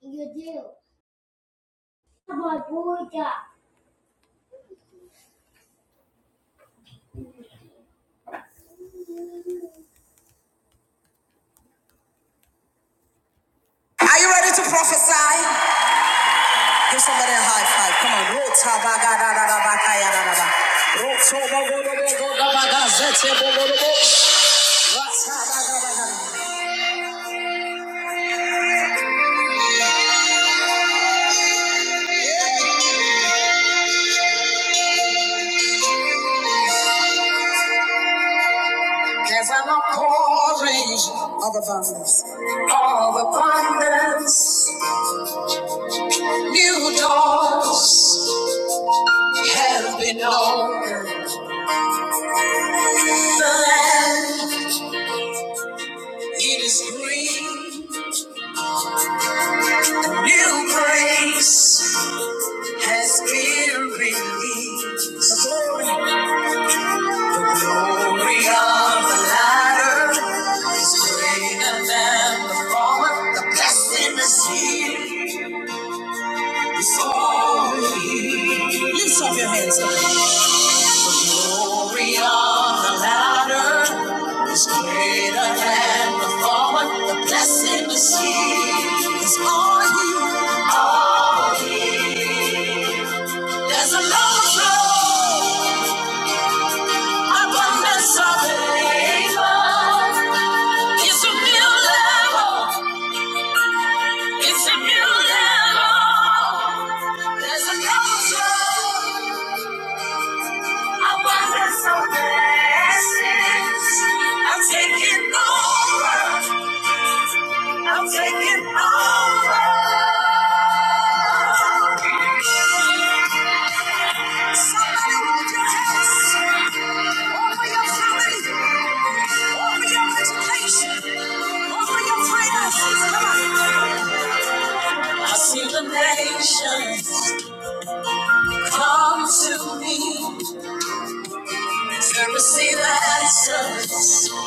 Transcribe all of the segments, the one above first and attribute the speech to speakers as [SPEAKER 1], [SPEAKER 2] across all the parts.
[SPEAKER 1] You do. Hallelujah. Are you ready to prophesy? Give somebody a high five. Come on. Rotabagadadadabakayadadaba. Rotobogodobogodabagazetebogodobo. Ratabagabagada. There's an outpouring of abundance. Of abundance. New doors have been opened. The land, it is green. New grace. has been released. The glory, the glory of the latter is greater than the former. The blessing is here before you. Lift up your hands. The glory of the latter is greater than the former. The blessing is here. It's you. All you. There's an overflow. Abundance of favor. It's a new level. It's a new level. There's a level zone. Abundance of blessings. I'm taking over. I'm taking over. Somebody hold your house. Over your family. Over your education. Over your prayers. Come on. I see the nations come to me to receive answers from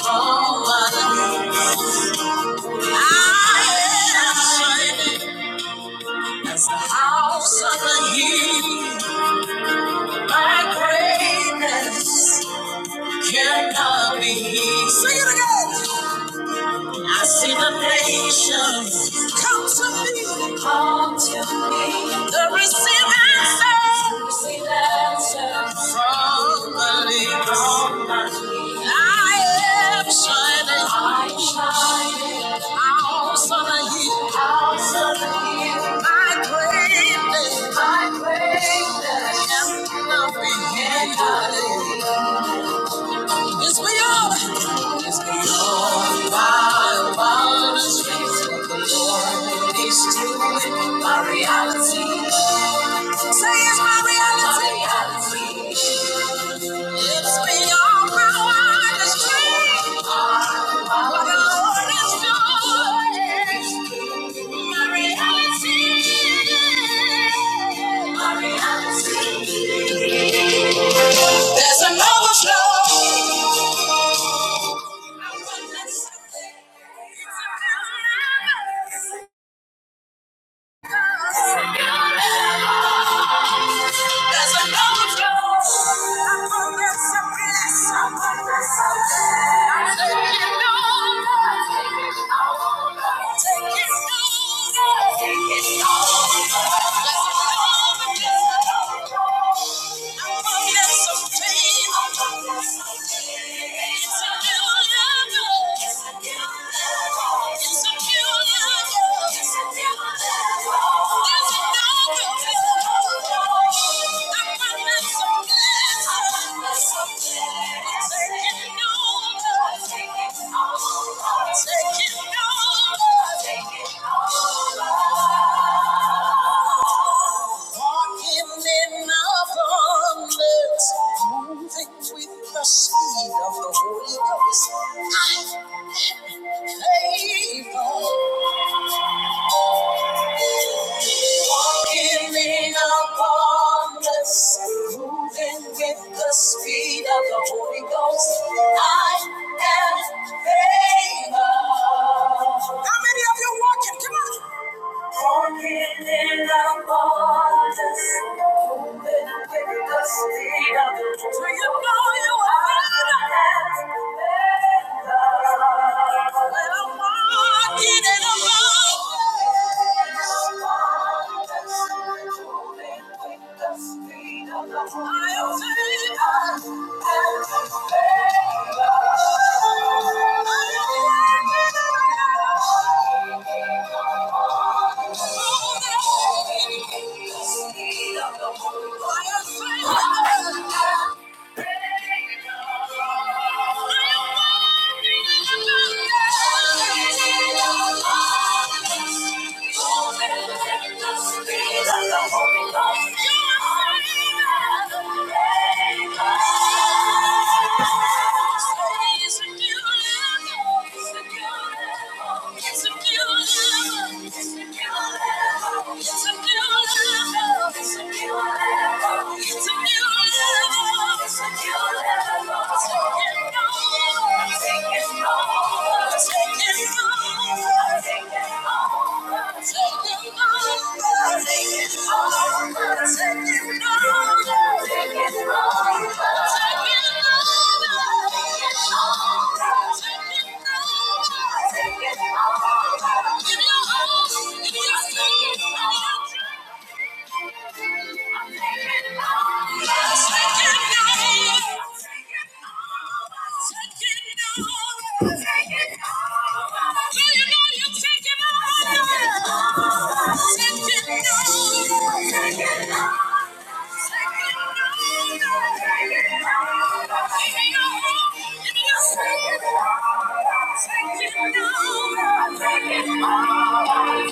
[SPEAKER 1] my knees. I am as the house of the hill, my greatness. cannot be hid. Sing it again. I see the nations come to me. Come to me. The receive answer. Receive answer from the lips. I am shining. I am shining. House on the hill. House on the hill. My greatness. My greatness. Cannot be hid. Yes, we are. Yes, we are. Wild, wild streets of the Lord. These doing my reality. Say it's my reality. My reality. It's beyond my wildest dreams. What the Lord is doing My reality. My reality. There's an overflow. Take it all. I promise some pain. Take it over. Take it over. Walking in abundance, moving with the speed of the Holy Ghost. I favor. Walking in abundance, moving with the speed of the Holy Ghost. I am favor. How many of you? Walking Thank you. It's a new level. It's a new level. It's a new level. It's a new level. Give me your heart, give me your soul, give me your truth. Take it all.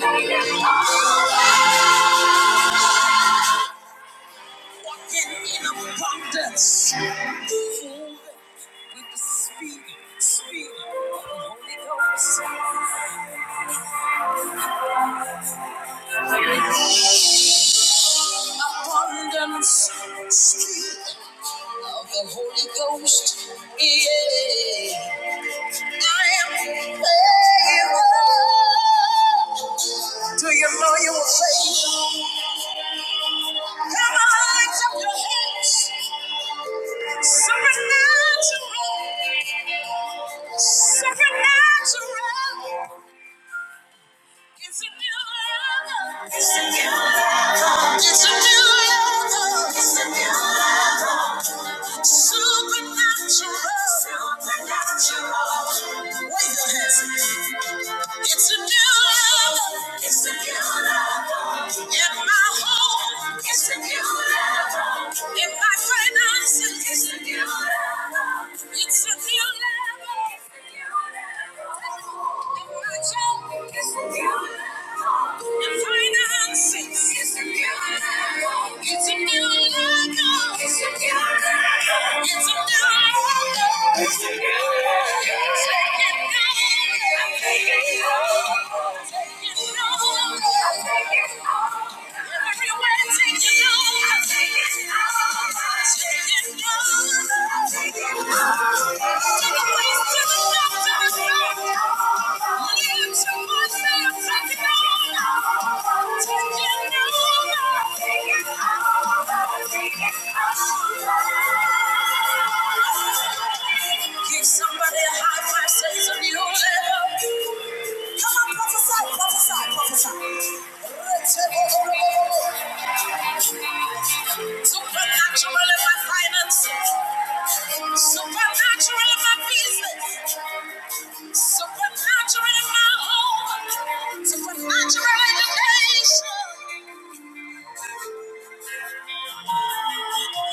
[SPEAKER 1] take it all. Walking in abundance. Filled with the speed, speed of the Holy Ghost. Abundance, speed of the Holy Ghost. Yeah. I am favored. Do you know you were favored? It's a new level. It's a new level. It's a new level. Supernatural. Supernatural. Wave your hands. It's a new level. It's a new level. In my home. It's a new level. In my finances. It's a new level. It's a new level. It's a new level. In my job. It's a new level. In finances. It's a new level. It's a new level. Take it all. Give somebody a high five, say it's a new level. Come on, prophesy, prophesy, prophesy. Supernatural in my finances. Supernatural in my business. Supernatural in my home. Supernatural in the nation. It's a new level.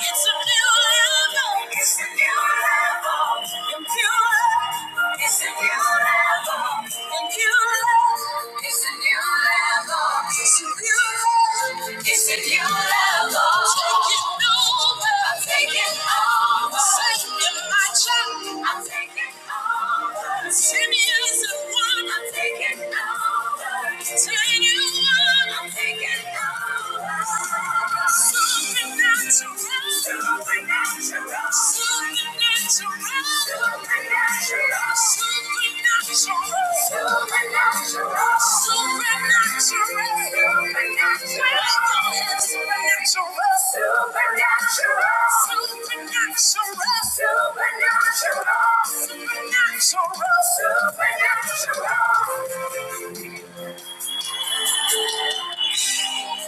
[SPEAKER 1] It's a new level. And new level. It's a new level. And new level. It's a new level. It's a new level. It's a new level. Taking over. I'm taking over. Sending my child. I'm taking over. Ten years of one. I'm taking over. Ten years. Supernatural, supernatural, supernatural. Thank you.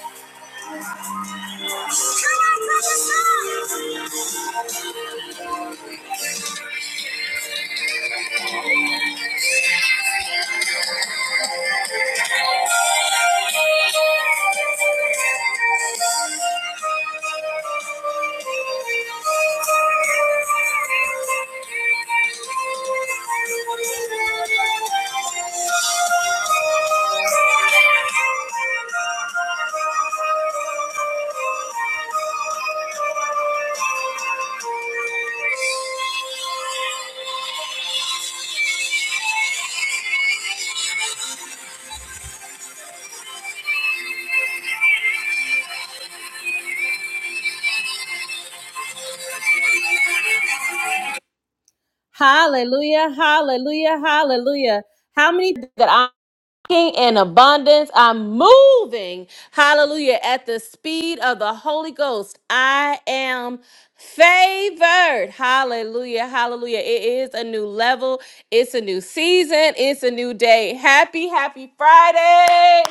[SPEAKER 1] Hallelujah, hallelujah, hallelujah. How many that I in abundance. I'm moving, hallelujah, at the speed of the Holy Ghost. I am favored. Hallelujah, hallelujah. It is a new level, it's a new season, it's a new day. Happy, happy Friday.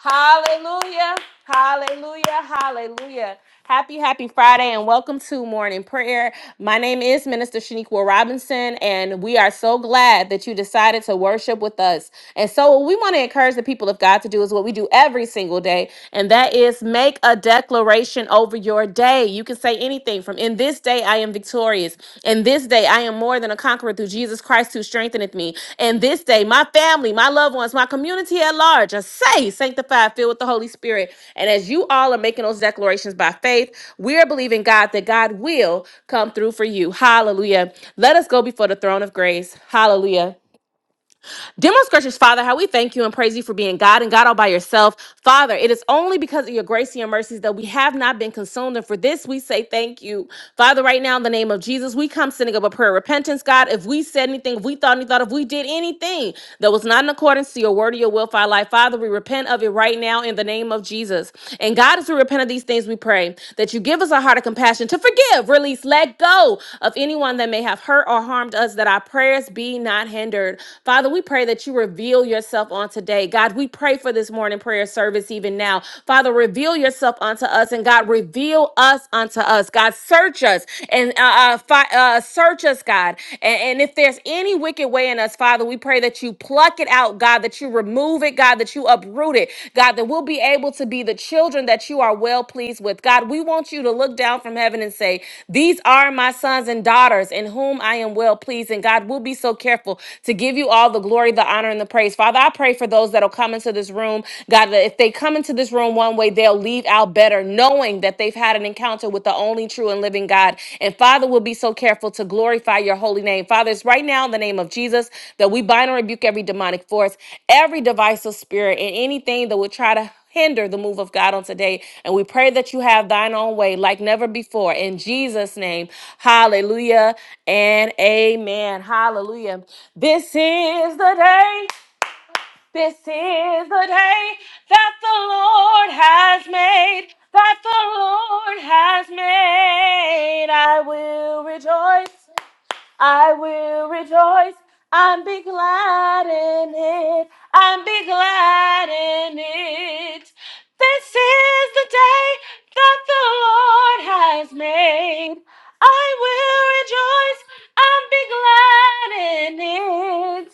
[SPEAKER 1] Hallelujah. Hallelujah. Hallelujah. Happy, happy Friday, and welcome to Morning Prayer. My name is Minister Shaniqua Robinson, and we are so glad that you decided to worship with us. And so, what we want to encourage the people of God to do is what we do every single day, and that is make a declaration over your day. You can say anything escaped from. In this day I am victorious. In this day I am more than a conqueror through Jesus Christ who strengtheneth me. In this day my family, my loved ones, my community at large are saved, sanctified, filled with the Holy Spirit. And as you all are making those declarations by faith, we are believing God that God will come through for you. Hallelujah. Let us go before the throne of grace. Hallelujah. Demonstrate, gracious Father, how we thank you and praise you for being God and God all by yourself. Father, it is only because of your grace and your mercies that we have not been consumed. And for this, we say thank you. Father, right now, in the name of Jesus, we come sending up a prayer of repentance, God. If we said anything, if we thought any thought, if we did anything that was not in accordance to your word or your will for our life, Father, we repent of it right now in the name of Jesus. And God, as we repent of these things, we pray that you give us us a heart of compassion to forgive, release, let go of anyone that may have hurt or harmed us, that our prayers be not hindered. Father, we pray that you reveal yourself on today. God, we pray for this morning prayer service even now. Father, reveal yourself unto us, and God, reveal us unto us. God, search us and uh, uh, fi- uh, search us, God. And, and if there's any wicked way in us, Father, we pray that you pluck pluck it out, God, that you remove it, God, that you uproot it, God, that we'll be able to be the children that you are well pleased with. God, we want you to look down from heaven and say, These are my sons and daughters in whom I am well pleased. And God, we'll be so careful to give you all the glory, the honor, and the praise. Father, I pray for those that'll come into this room, God, that if they come into this room one way, they'll leave out better, knowing that they've had an encounter with connection with the only true and living God. And Father, we'll be so careful to glorify your holy name. Father, it's right now in the name of Jesus that we bind and rebuke every demonic force, every divisive spirit, and anything that would try to hinder the move of God on today. And we pray that you have thine own way like never before. In Jesus' name, hallelujah and amen. Hallelujah. This is the day. This is the day that the Lord has made, that the Lord has made. I will rejoice, I will rejoice, and be glad in it, and be glad in it. This is the day that the Lord has made. I will rejoice and be glad in it.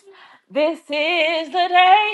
[SPEAKER 1] This is the day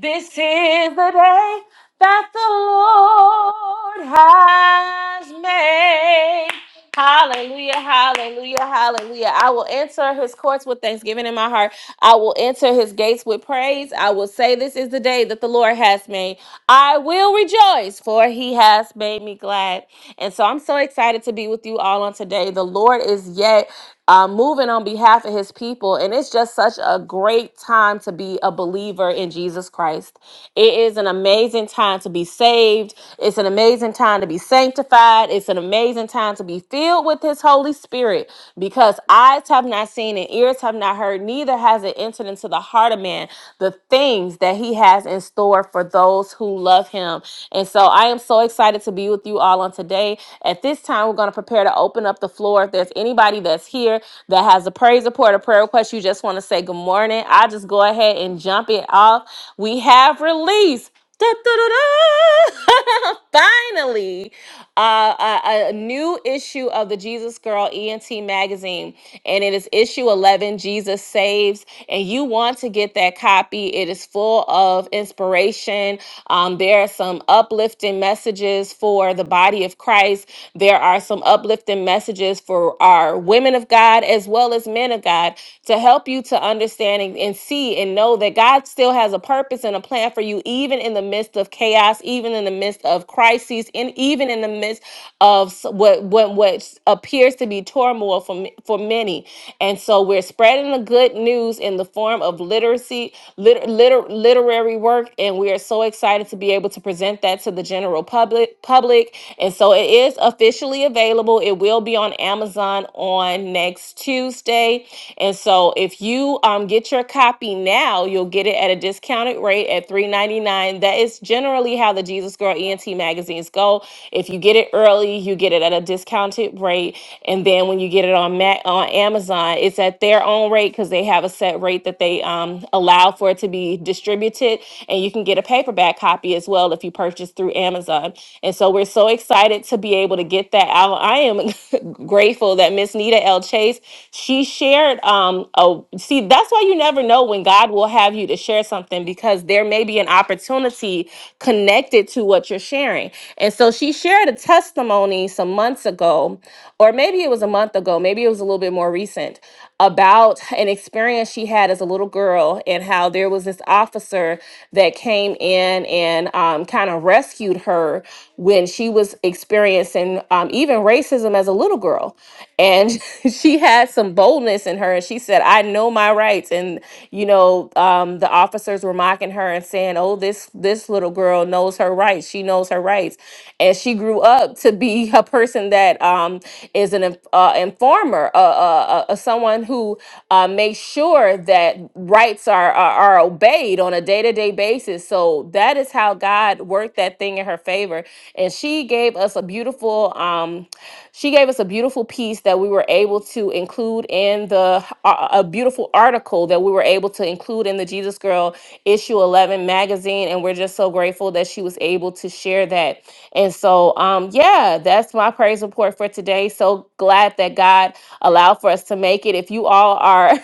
[SPEAKER 1] this is the day that the Lord has made. Hallelujah, hallelujah, hallelujah. I will enter his courts with thanksgiving in my heart. I will enter his gates with praise. I will say, This is the day that the Lord has made. I will rejoice, for he has made me glad. And so I'm so excited to be with you all on today. The Lord is yet uh, moving on behalf of his people. And it's just such a great time to be a believer in Jesus Christ. It is an amazing time to be saved. It's an amazing time to be sanctified. It's an amazing amazing time to be filled with his Holy Spirit because eyes have not seen and ears have not heard, neither has it entered into the heart of man the things that he has in store for those who love him. And so I am so excited to be with you all on today. At this time, we're going to prepare to open up the floor. If there's anybody that's here that has a praise report or prayer request, you just want to say good morning, I just go ahead and jump it off. We have released. Da-da-da-da. Finally, uh, a, a new issue of the Jesus Girl ENT magazine, and it is issue 11 Jesus Saves. And you want to get that copy, it is full of inspiration. Um, there are some uplifting messages for the body of Christ, there are some uplifting messages for our women of God as well as men of God to help you to understand and, and see and know that God still has a purpose and a plan for you, even in the midst of chaos, even in the midst of crises, and even in the midst of s- what what, what appears to be turmoil for m- for many. And so we're spreading the good news in the form of literacy, liter, liter, literary work, and we are so excited to be able to present that to the general public. Public, and so it is officially available. It will be on Amazon on next Tuesday. And so if you um, get your copy now, you'll get it at a discounted rate at 3 ninety-nine 3 ninety-nine. That is generally how the Jesus Girl ENT magazines go. If you get it early, you get it at a discounted rate. And then when you get it on Ma- on Amazon, it's at their own rate because they have a set rate that they um, allow for it to be distributed. And you can get a paperback copy as well if you purchase through Amazon. And so we're so excited to be able to get that out. I am grateful that Miss Nita L. Chase she shared um oh see that's why you never know when god will have you to share something because there's there may be an opportunity connected to what you're sharing. And so she shared a testimony some months ago, or maybe it was a month ago, maybe it was a little bit more recent, about an experience she had as a little girl and how there was this officer that came in and um, kind of rescued her when she was experiencing um, even racism as a little girl. And she had some boldness in her. And she said, I know my rights. And, you know, um, the officers were my mocking her and saying, "Oh, this this little girl knows her rights. She knows her rights," and she grew up to be a person that um, is an inf- uh, informer, uh, uh, uh, uh, someone who uh, makes sure that rights are, are are obeyed on a day to day basis. So that is how God worked that thing in her favor, and she gave us a beautiful um, she gave us a beautiful piece that we were able to include in the a a beautiful article that we were able to include in the Jesus Girl issue 11 magazine. And we're just so grateful that she was able to share that. And so, um, yeah, that's my praise report for today. So glad that God allowed for us to make it. If you all are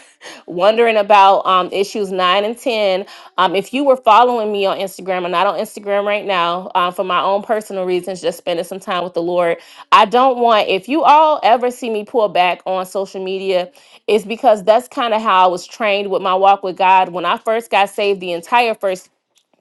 [SPEAKER 1] wondering about um, issues 9 and 10, um, if you were following me on Instagram, I'm not on Instagram right now um, for my own personal reasons, just spending some time with the Lord. I don't want, if you all ever see me pull back on social media, it's because that's kind of how I was trained with my walk with God. When I first got saved, the entire first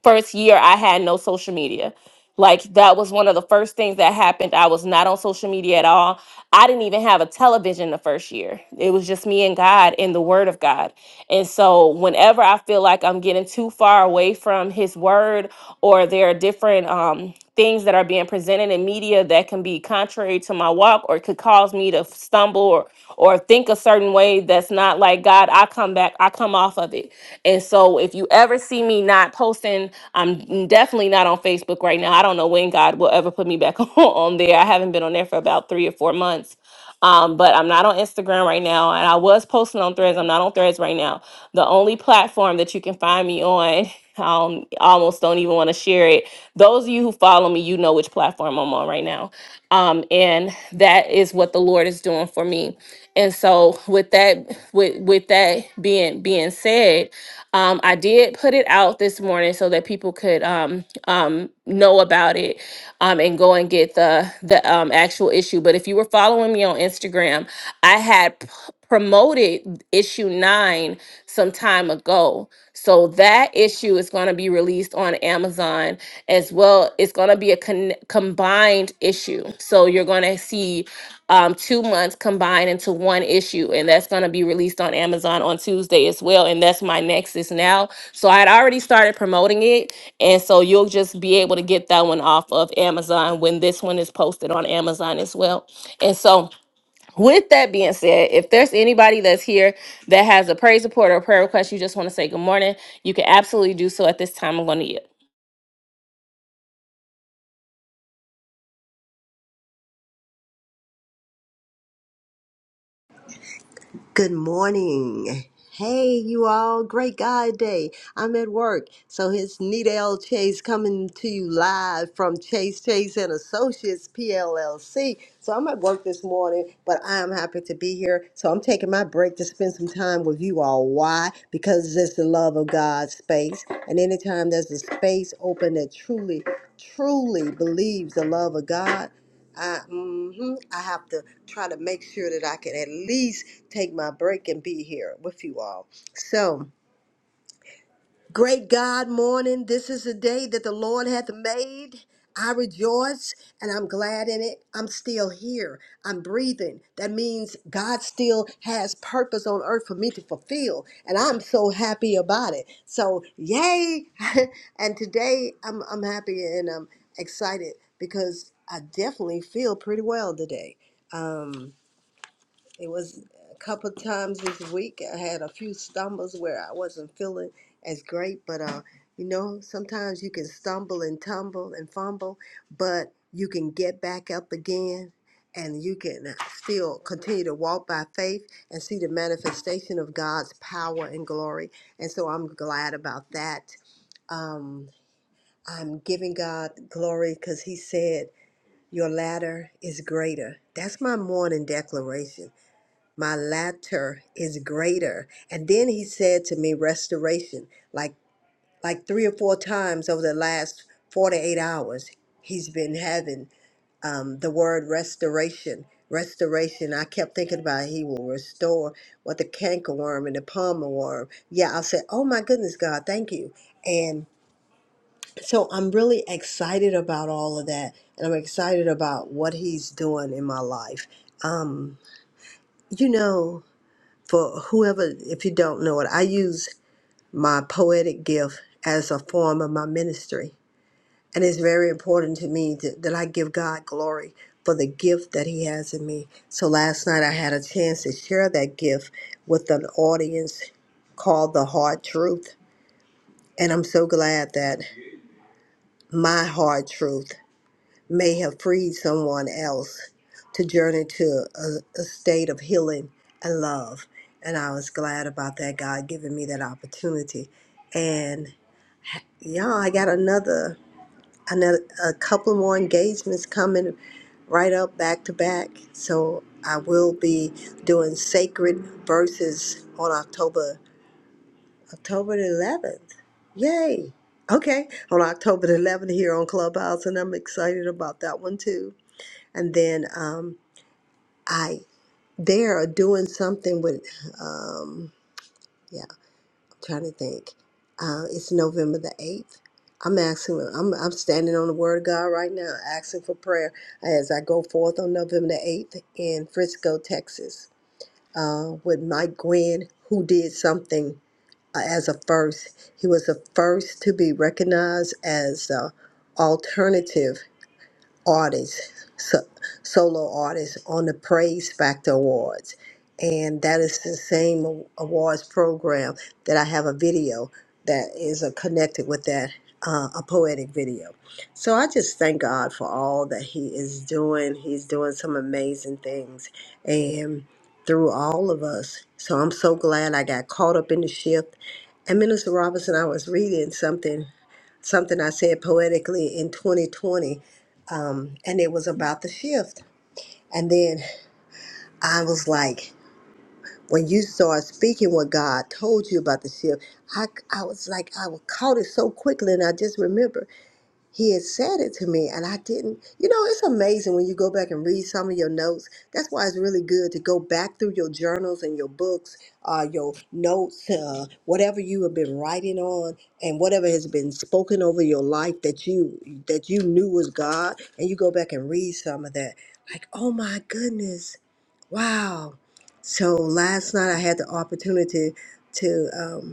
[SPEAKER 1] first year I had no social media. Like that was one of the first things that happened. I was not on social media at all. I didn't even have a television the first year. It was just me and God and the word of God. And so whenever I feel like I'm getting too far away from his word or there are different um things that are being presented in media that can be contrary to my walk or could cause me to stumble or or think a certain way that's not like God, I come back, I come off of it. And so if you ever see me not posting, I'm definitely not on Facebook right now. I don't know when God will ever put me back on, on there. I haven't been on there for about 3 or 4 months. Um, but I'm not on Instagram right now, and I was posting on Threads. I'm not on Threads right now. The only platform that you can find me on, I um, almost don't even want to share it. Those of you who follow me, you know which platform I'm on right now, um, and that is what the Lord is doing for me. And so, with that, with with that being being said, um, I did put it out this morning so that people could um, um, know about it um, and go and get the the um, actual issue. But if you were following me on Instagram, I had p- promoted issue nine some time ago. So that issue is going to be released on Amazon as well. It's going to be a con- combined issue. So you're going to see um, two months combined into one issue, and that's going to be released on Amazon on Tuesday as well. And that's my next is now. So I had already started promoting it, and so you'll just be able to get that one off of Amazon when this one is posted on Amazon as well. And so. With that being said, if there's anybody that's here that has a praise report or a prayer request, you just want to say good morning, you can absolutely do so at this time. I'm going to
[SPEAKER 2] Good morning. Hey, you all. Great guy day. I'm at work. So it's Nita L. Chase coming to you live from Chase Chase and Associates PLLC. So I'm at work this morning, but I am happy to be here. So I'm taking my break to spend some time with you all. Why? Because it's the love of God space. And anytime there's a space open that truly, truly believes the love of God, I, hmm I have to try to make sure that I can at least take my break and be here with you all. So, Great God, morning. This is a day that the Lord hath made. I rejoice and I'm glad in it. I'm still here. I'm breathing. That means God still has purpose on earth for me to fulfill. And I'm so happy about it. So, yay. and today I'm, I'm happy and I'm excited because I definitely feel pretty well today. Um, it was a couple times this week. I had a few stumbles where I wasn't feeling as great, but uh, you know, sometimes you can stumble and tumble and fumble, but you can get back up again and you can still continue to walk by faith and see the manifestation of God's power and glory. And so I'm glad about that. Um, I'm giving God glory because He said, Your ladder is greater. That's my morning declaration my latter is greater and then he said to me restoration like like three or four times over the last 48 hours he's been having um, the word restoration restoration i kept thinking about he will restore what the cankerworm and the palmer worm yeah i said oh my goodness god thank you and so i'm really excited about all of that and i'm excited about what he's doing in my life um, you know for whoever, if you don't know it, I use my poetic gift as a form of my ministry. And it's very important to me that, that I give God glory for the gift that He has in me. So last night I had a chance to share that gift with an audience called The Hard Truth. And I'm so glad that my hard truth. may have freed someone else to journey to a, a state of healing and love. And I was glad about that, God giving me that opportunity. And yeah, I got another, another a couple more engagements coming right up back to back. So I will be doing sacred verses on October October the 11th. Yay! Okay, on October the 11th here on Clubhouse, and I'm excited about that one too and then um, I they're doing something with um, yeah. I'm trying to think. Uh, it's November the eighth. I'm asking. I'm I'm standing on the Word of God right now, asking for prayer as I go forth on November the eighth in Frisco, Texas, uh, with Mike Gwynn, who did something uh, as a first. He was the first to be recognized as uh, alternative artists, so, solo artists, on the Praise Factor Awards. And that is the same a- awards program that I have a video that is uh, connected with that, uh, a poetic video. So I just thank God for all that He is doing. He's doing some amazing things and through all of us. So I'm so glad I got caught up in the shift. And Minister Robinson, I was reading something something I said poetically in 2020, um, and it was about the shift. And then I was like, when you start speaking what God told you about the shift, I, I was like, I caught it so quickly, and I just remember he had said it to me and I didn't. You know, it's amazing when you go back and read some of your notes. That's why it's really good to go back through your journals and your books, uh, your notes, uh, whatever you have been writing on and whatever has been spoken over your life that you that you knew was God and you go back and read some of that. Like, oh my goodness. Wow. So last night I had the opportunity to um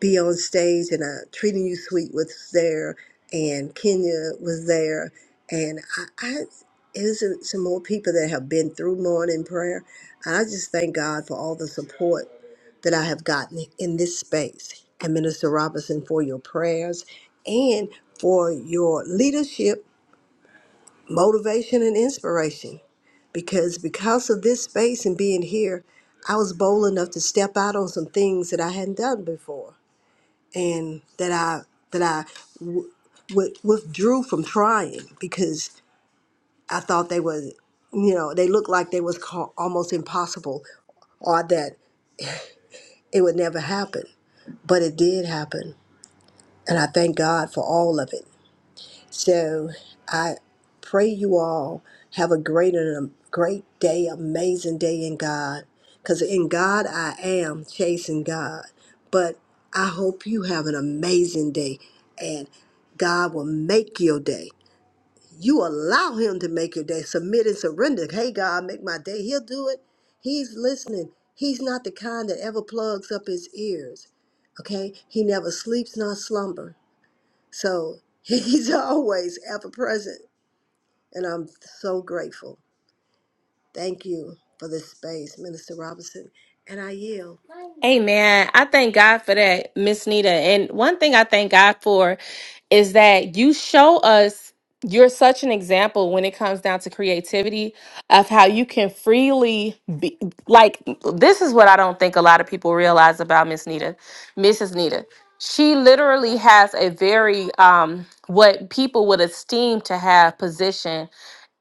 [SPEAKER 2] be on stage and uh, treating you sweet was there and kenya was there and i, I is some more people that have been through morning prayer and i just thank god for all the support that i have gotten in this space and minister robinson for your prayers and for your leadership motivation and inspiration because because of this space and being here i was bold enough to step out on some things that i hadn't done before and that I that I w- w- withdrew from trying because I thought they was you know they looked like they was ca- almost impossible or that it would never happen, but it did happen, and I thank God for all of it. So I pray you all have a great and a great day, amazing day in God. Because in God I am chasing God. But I hope you have an amazing day and God will make your day. You allow him to make your day. Submit and surrender. Hey God, make my day. He'll do it. He's listening. He's not the kind that ever plugs up his ears. Okay? He never sleeps nor slumber. So he's always ever present. And I'm so grateful. Thank you for this space, Minister Robinson. And I yield.
[SPEAKER 1] Amen. I thank God for that, Miss Nita. And one thing I thank God for is that you show us you're such an example when it comes down to creativity of how you can freely be like this is what I don't think a lot of people realize about Miss Nita, Mrs. Nita. She literally has a very um what people would esteem to have position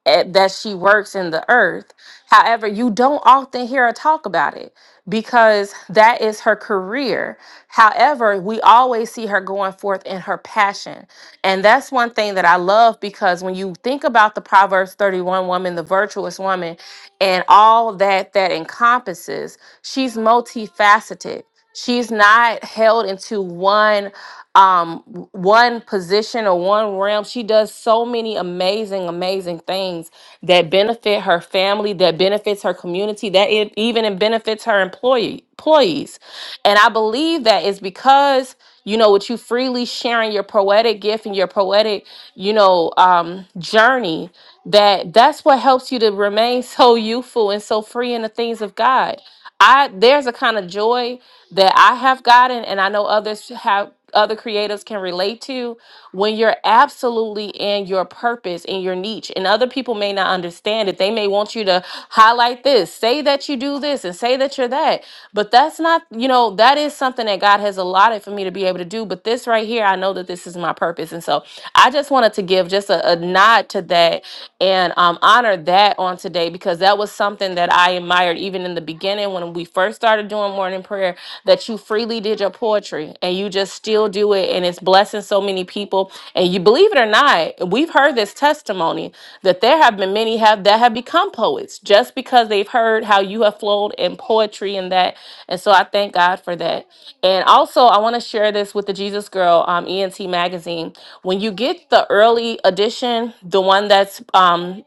[SPEAKER 1] at- that she works in the earth. However, you don't often hear her talk about it because that is her career. However, we always see her going forth in her passion. And that's one thing that I love because when you think about the Proverbs 31 woman, the virtuous woman, and all that that encompasses, she's multifaceted. She's not held into one um w- one position or one realm. She does so many amazing amazing things that benefit her family, that benefits her community, that it even it benefits her employee employees. And I believe that is because you know with you freely sharing your poetic gift and your poetic, you know, um journey that that's what helps you to remain so youthful and so free in the things of God. I there's a kind of joy that I have gotten, and I know others have other creatives can relate to when you're absolutely in your purpose in your niche and other people may not understand it they may want you to highlight this say that you do this and say that you're that but that's not you know that is something that god has allotted for me to be able to do but this right here i know that this is my purpose and so i just wanted to give just a, a nod to that and um, honor that on today because that was was something that I admired even in the beginning when we first started doing morning prayer that you freely did your poetry and you just still do it and it's blessing so many people. And you believe it or not, we've heard this testimony that there have been many have that have become poets just because they've heard how you have flowed in poetry and that. And so I thank God for that. And also I want to share this with the Jesus Girl um, ENT magazine. When you get the early edition, the one that's um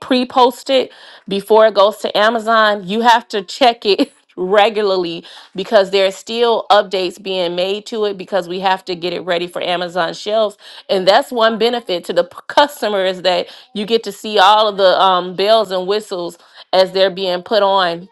[SPEAKER 1] pre post it before it goes to Amazon, you have to check it regularly because there's still updates being made to it because we have to get it ready for Amazon shelves. And that's one benefit to the p- customer is that you get to see all of the um, bells and whistles as they're being put on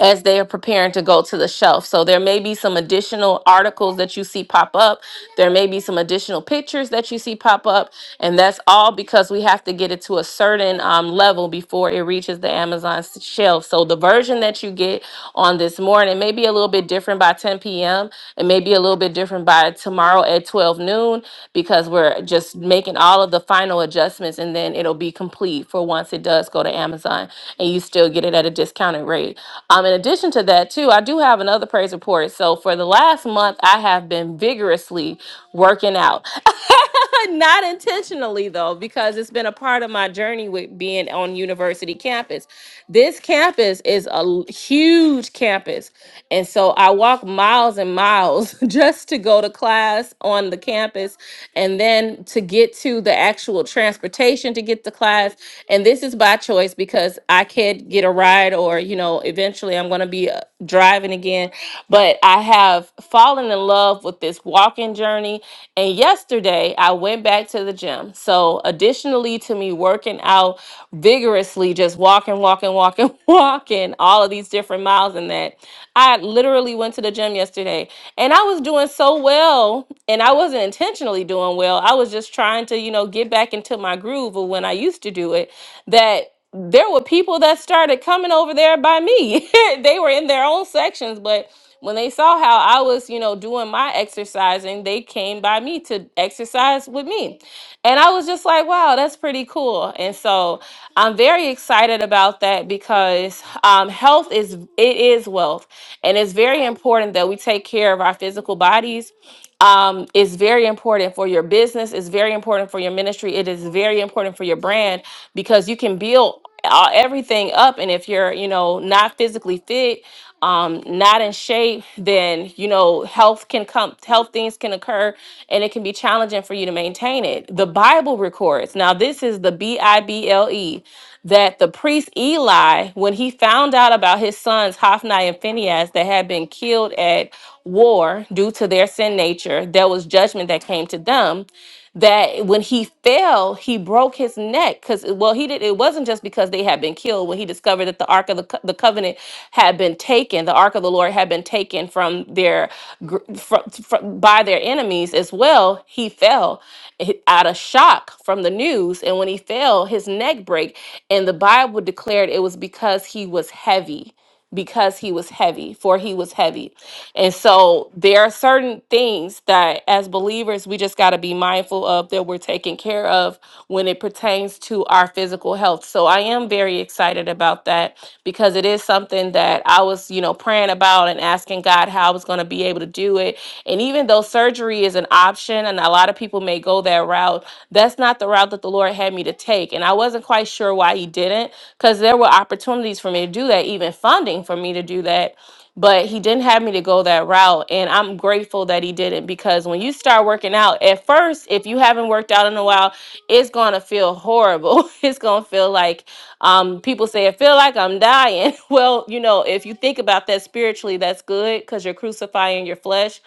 [SPEAKER 1] as they are preparing to go to the shelf. So there may be some additional articles that you see pop up. There may be some additional pictures that you see pop up. And that's all because we have to get it to a certain um, level before it reaches the Amazon s- shelf. So the version that you get on this morning may be a little bit different by 10 p.m. It may be a little bit different by tomorrow at 12 noon because we're just making all of the final adjustments and then it'll be complete for once it does go to Amazon on and you still get it at a discounted rate. Um, in addition to that, too, I do have another praise report. So for the last month, I have been vigorously working out. Not intentionally though, because it's been a part of my journey with being on university campus. This campus is a l- huge campus. And so I walk miles and miles just to go to class on the campus and then to get to the actual transportation to get to class and this is by choice because I can't get a ride or you know eventually I'm going to be uh, driving again but I have fallen in love with this walking journey and yesterday I went back to the gym so additionally to me working out vigorously just walking walking walking walking all of these different miles and that I literally went to the gym yesterday and I was doing so well and I wasn't intentionally doing well I I was just trying to, you know, get back into my groove of when I used to do it, that there were people that started coming over there by me. they were in their own sections, but when they saw how I was, you know, doing my exercising, they came by me to exercise with me. And I was just like, wow, that's pretty cool. And so I'm very excited about that because um, health is it is wealth. And it's very important that we take care of our physical bodies um, is very important for your business. It's very important for your ministry. It is very important for your brand because you can build all, everything up. And if you're, you know, not physically fit, um, not in shape, then you know health can come. Health things can occur, and it can be challenging for you to maintain it. The Bible records. Now, this is the B I B L E that the priest Eli, when he found out about his sons Hophni and Phinehas that had been killed at war due to their sin nature, there was judgment that came to them that when he fell, he broke his neck because well, he did. It wasn't just because they had been killed. When he discovered that the ark of the, Co- the covenant had been taken, the ark of the Lord had been taken from their gr- fro- fro- by their enemies as well. He fell hi- out of shock from the news, and when he fell, his neck break, and the Bible declared it was because he was heavy because he was heavy, for he was heavy. And so there are certain things that as believers we just got to be mindful of that we're taken care of when it pertains to our physical health. So I am very excited about that because it is something that I was, you know, praying about and asking God how I was going to be able to do it. And even though surgery is an option and a lot of people may go that route, that's not the route that the Lord had me to take. And I wasn't quite sure why he didn't because there there were opportunities for me to do that, even funding for me to do that. But he didn't have me to go that route. And I'm grateful that he didn't because when you start working out, at first, if you haven't worked out in a while, it's going to feel horrible. it's going to feel like um, people say, I feel like I'm dying. well, you know, if you think about that spiritually, that's good because you're crucifying your flesh.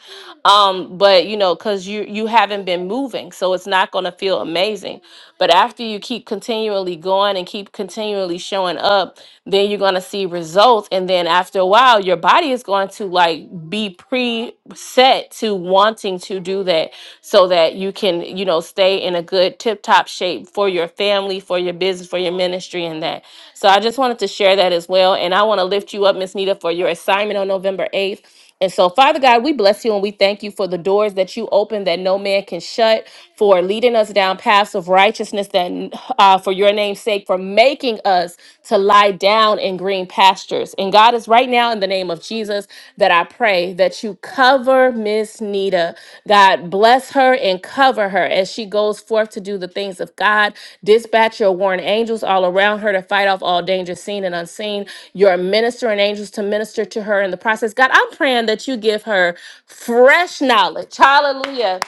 [SPEAKER 1] Um, but, you know, because you, you haven't been moving. So it's not going to feel amazing. But after you keep continuing, continually going and keep continually showing up, then you're going to see results. And then after a while, your body is going to like be preset to wanting to do that so that you can, you know, stay in a good tip top shape for your family, for your business, for your ministry, and that. So I just wanted to share that as well. And I want to lift you up, Miss Nita, for your assignment on November 8th. And so, Father God, we bless you and we thank you for the doors that you open that no man can shut, for leading us down paths of righteousness that uh, for your name's sake, for making us to lie down in green pastures. And God is right now in the name of Jesus that I pray that you cover Miss Nita. God bless her and cover her as she goes forth to do the things of God. Dispatch your warring angels all around her to fight off all danger seen and unseen. Your ministering angels to minister to her in the process. God, I'm praying that you give her fresh knowledge. Hallelujah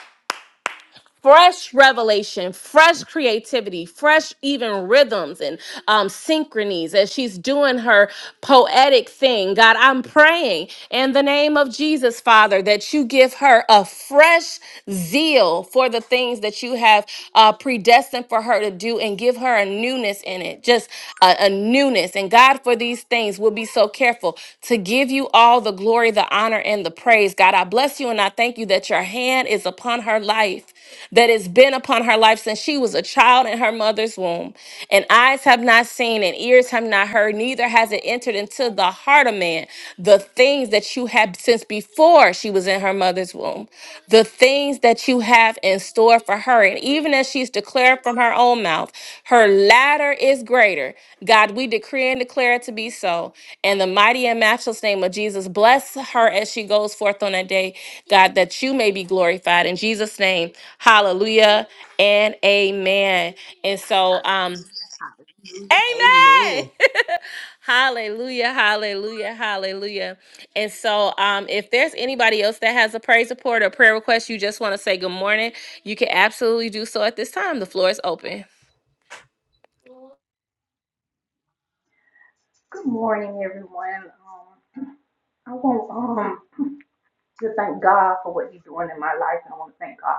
[SPEAKER 1] fresh revelation, fresh creativity, fresh even rhythms and um, synchronies as she's doing her poetic thing. God, I'm praying in the name of Jesus, Father, that you give her a fresh zeal for the things that you have uh, predestined for her to do and give her a newness in it, just a, a newness. And God, for these things, we'll be so careful to give you all the glory, the honor, and the praise. God, I bless you and I thank you that your hand is upon her life that has been upon her life since she was a child in her mother's womb. And eyes have not seen, and ears have not heard, neither has it entered into the heart of man the things that you have since before she was in her mother's womb, the things that you have in store for her. And even as she's declaring declare from her own mouth, her latter is greater. God, we decree and declare it to be so. In the mighty and matchless name of Jesus, bless her as she goes forth on that day, God, that you may be glorified. In Jesus' name, hallelujah and amen. And so, um,
[SPEAKER 2] Amen.
[SPEAKER 1] Amen. hallelujah. Hallelujah. Hallelujah. And so um if there's anybody else that has a praise report or prayer request, you just want to say good morning, you can absolutely do so at this time. The floor is open.
[SPEAKER 3] Good morning, everyone. Um, I want um, to thank God for what He's doing in my life, and I want to thank God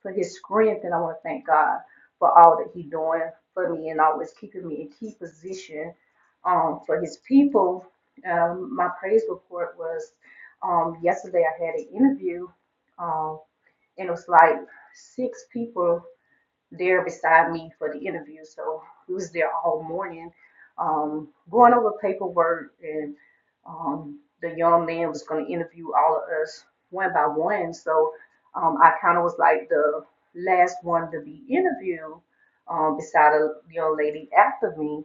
[SPEAKER 3] for His strength, and I want to thank God for all that He's doing for me and always keeping me in key position um, for His people. Um, my praise report was um, yesterday. I had an interview, um, and it was like six people there beside me for the interview. So we was there all morning, um, going over paperwork, and um, the young man was going to interview all of us one by one. So um, I kind of was like the last one to be interviewed, um, beside a young lady after me.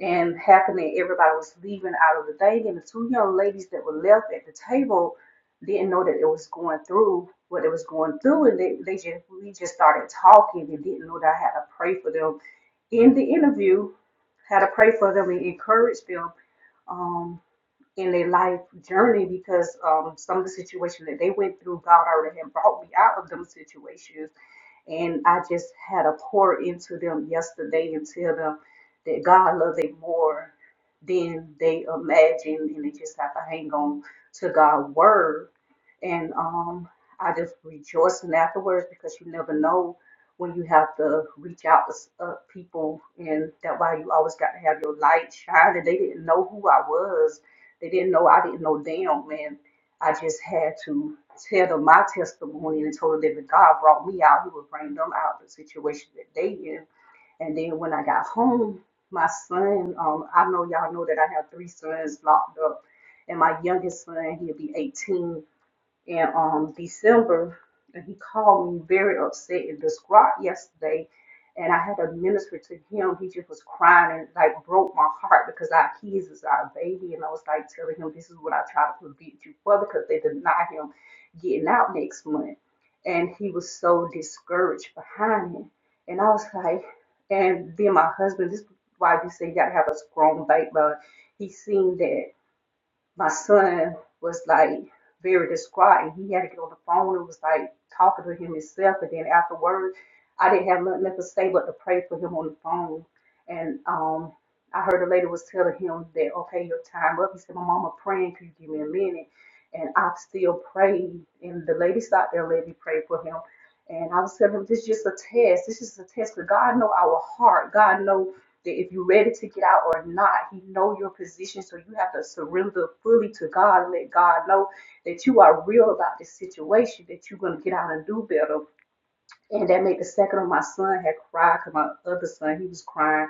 [SPEAKER 3] And happening, everybody was leaving out of the thing, and the two young ladies that were left at the table didn't know that it was going through what it was going through, and they, they just we just started talking and didn't know that I had to pray for them in the interview, had to pray for them and encourage them um, in their life journey because um, some of the situation that they went through, God already had brought me out of them situations and I just had to pour into them yesterday and tell them that God loves them more than they imagine. And they just have to hang on to God's word. And um, I just rejoicing afterwards because you never know when you have to reach out to uh, people. And that why you always got to have your light shining. They didn't know who I was. They didn't know I didn't know them, man. I just had to tell them my testimony and told them that if God brought me out, He would bring them out of the situation that they in. And then when I got home, my son, um, I know y'all know that I have three sons locked up. And my youngest son, he'll be 18 in um, December, and he called me very upset and distraught yesterday. And I had to minister to him. He just was crying and like broke my heart because our kids is our baby. And I was like telling him, This is what I try to prevent you for because they deny him getting out next month. And he was so discouraged behind it. And I was like, And then my husband, this is why we say you gotta have a strong backbone. He seen that my son was like very distraught and he had to get on the phone and was like talking to him himself and then afterwards I didn't have nothing left to say but to pray for him on the phone and um I heard a lady was telling him that okay your time up. He said, My mama praying, could you give me a minute? And I still prayed and the lady sat there and let me pray for him. And I was telling him this is just a test. This is a test because God know our heart. God know." that if you're ready to get out or not, He know your position. So you have to surrender fully to God and let God know that you are real about this situation, that you're gonna get out and do better. And that made the second of my son had cried because my other son he was crying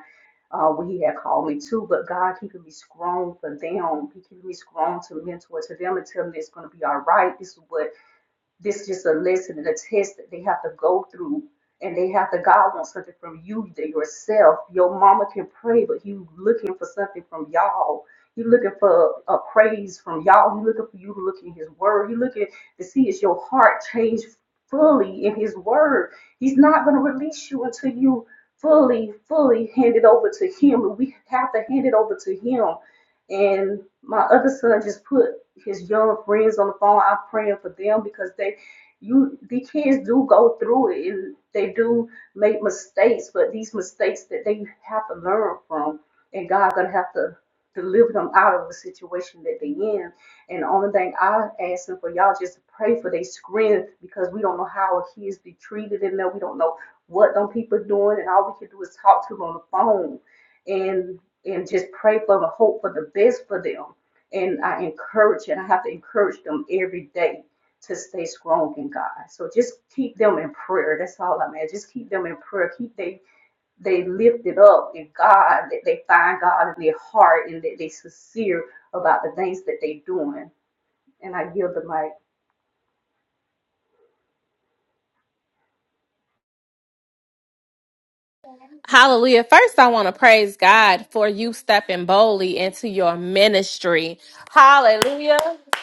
[SPEAKER 3] uh, when he had called me too. But God keeping me strong for them. He keeping me strong to mentor to them and tell them it's gonna be all right. This is what this is just a list and a test that they have to go through. And they have to, God wants something from you, that yourself. Your mama can pray, but you looking for something from y'all. You looking for a praise from y'all. You looking for you to look in his word. You looking to see is your heart changed fully in his word. He's not going to release you until you fully, fully hand it over to him. And we have to hand it over to him and my other son just put his young friends on the phone. I'm praying for them because they, you, the kids do go through it and they do make mistakes, but these mistakes that they have to learn from, and God gonna have to deliver them out of the situation that they in. And the only thing I asking for y'all just to pray for their strength because we don't know how our kids be treated in there. We don't know what them people doing, and all we can do is talk to them on the phone and and just pray for the hope for the best for them. And I encourage and I have to encourage them every day to stay strong in God. So just keep them in prayer. That's all I'm at. Just keep them in prayer. Keep they they lifted up in God, that they find God in their heart and that they sincere about the things that they doing. And I yield the mic.
[SPEAKER 1] Hallelujah. First, I want to praise God for you stepping boldly into your ministry. Hallelujah.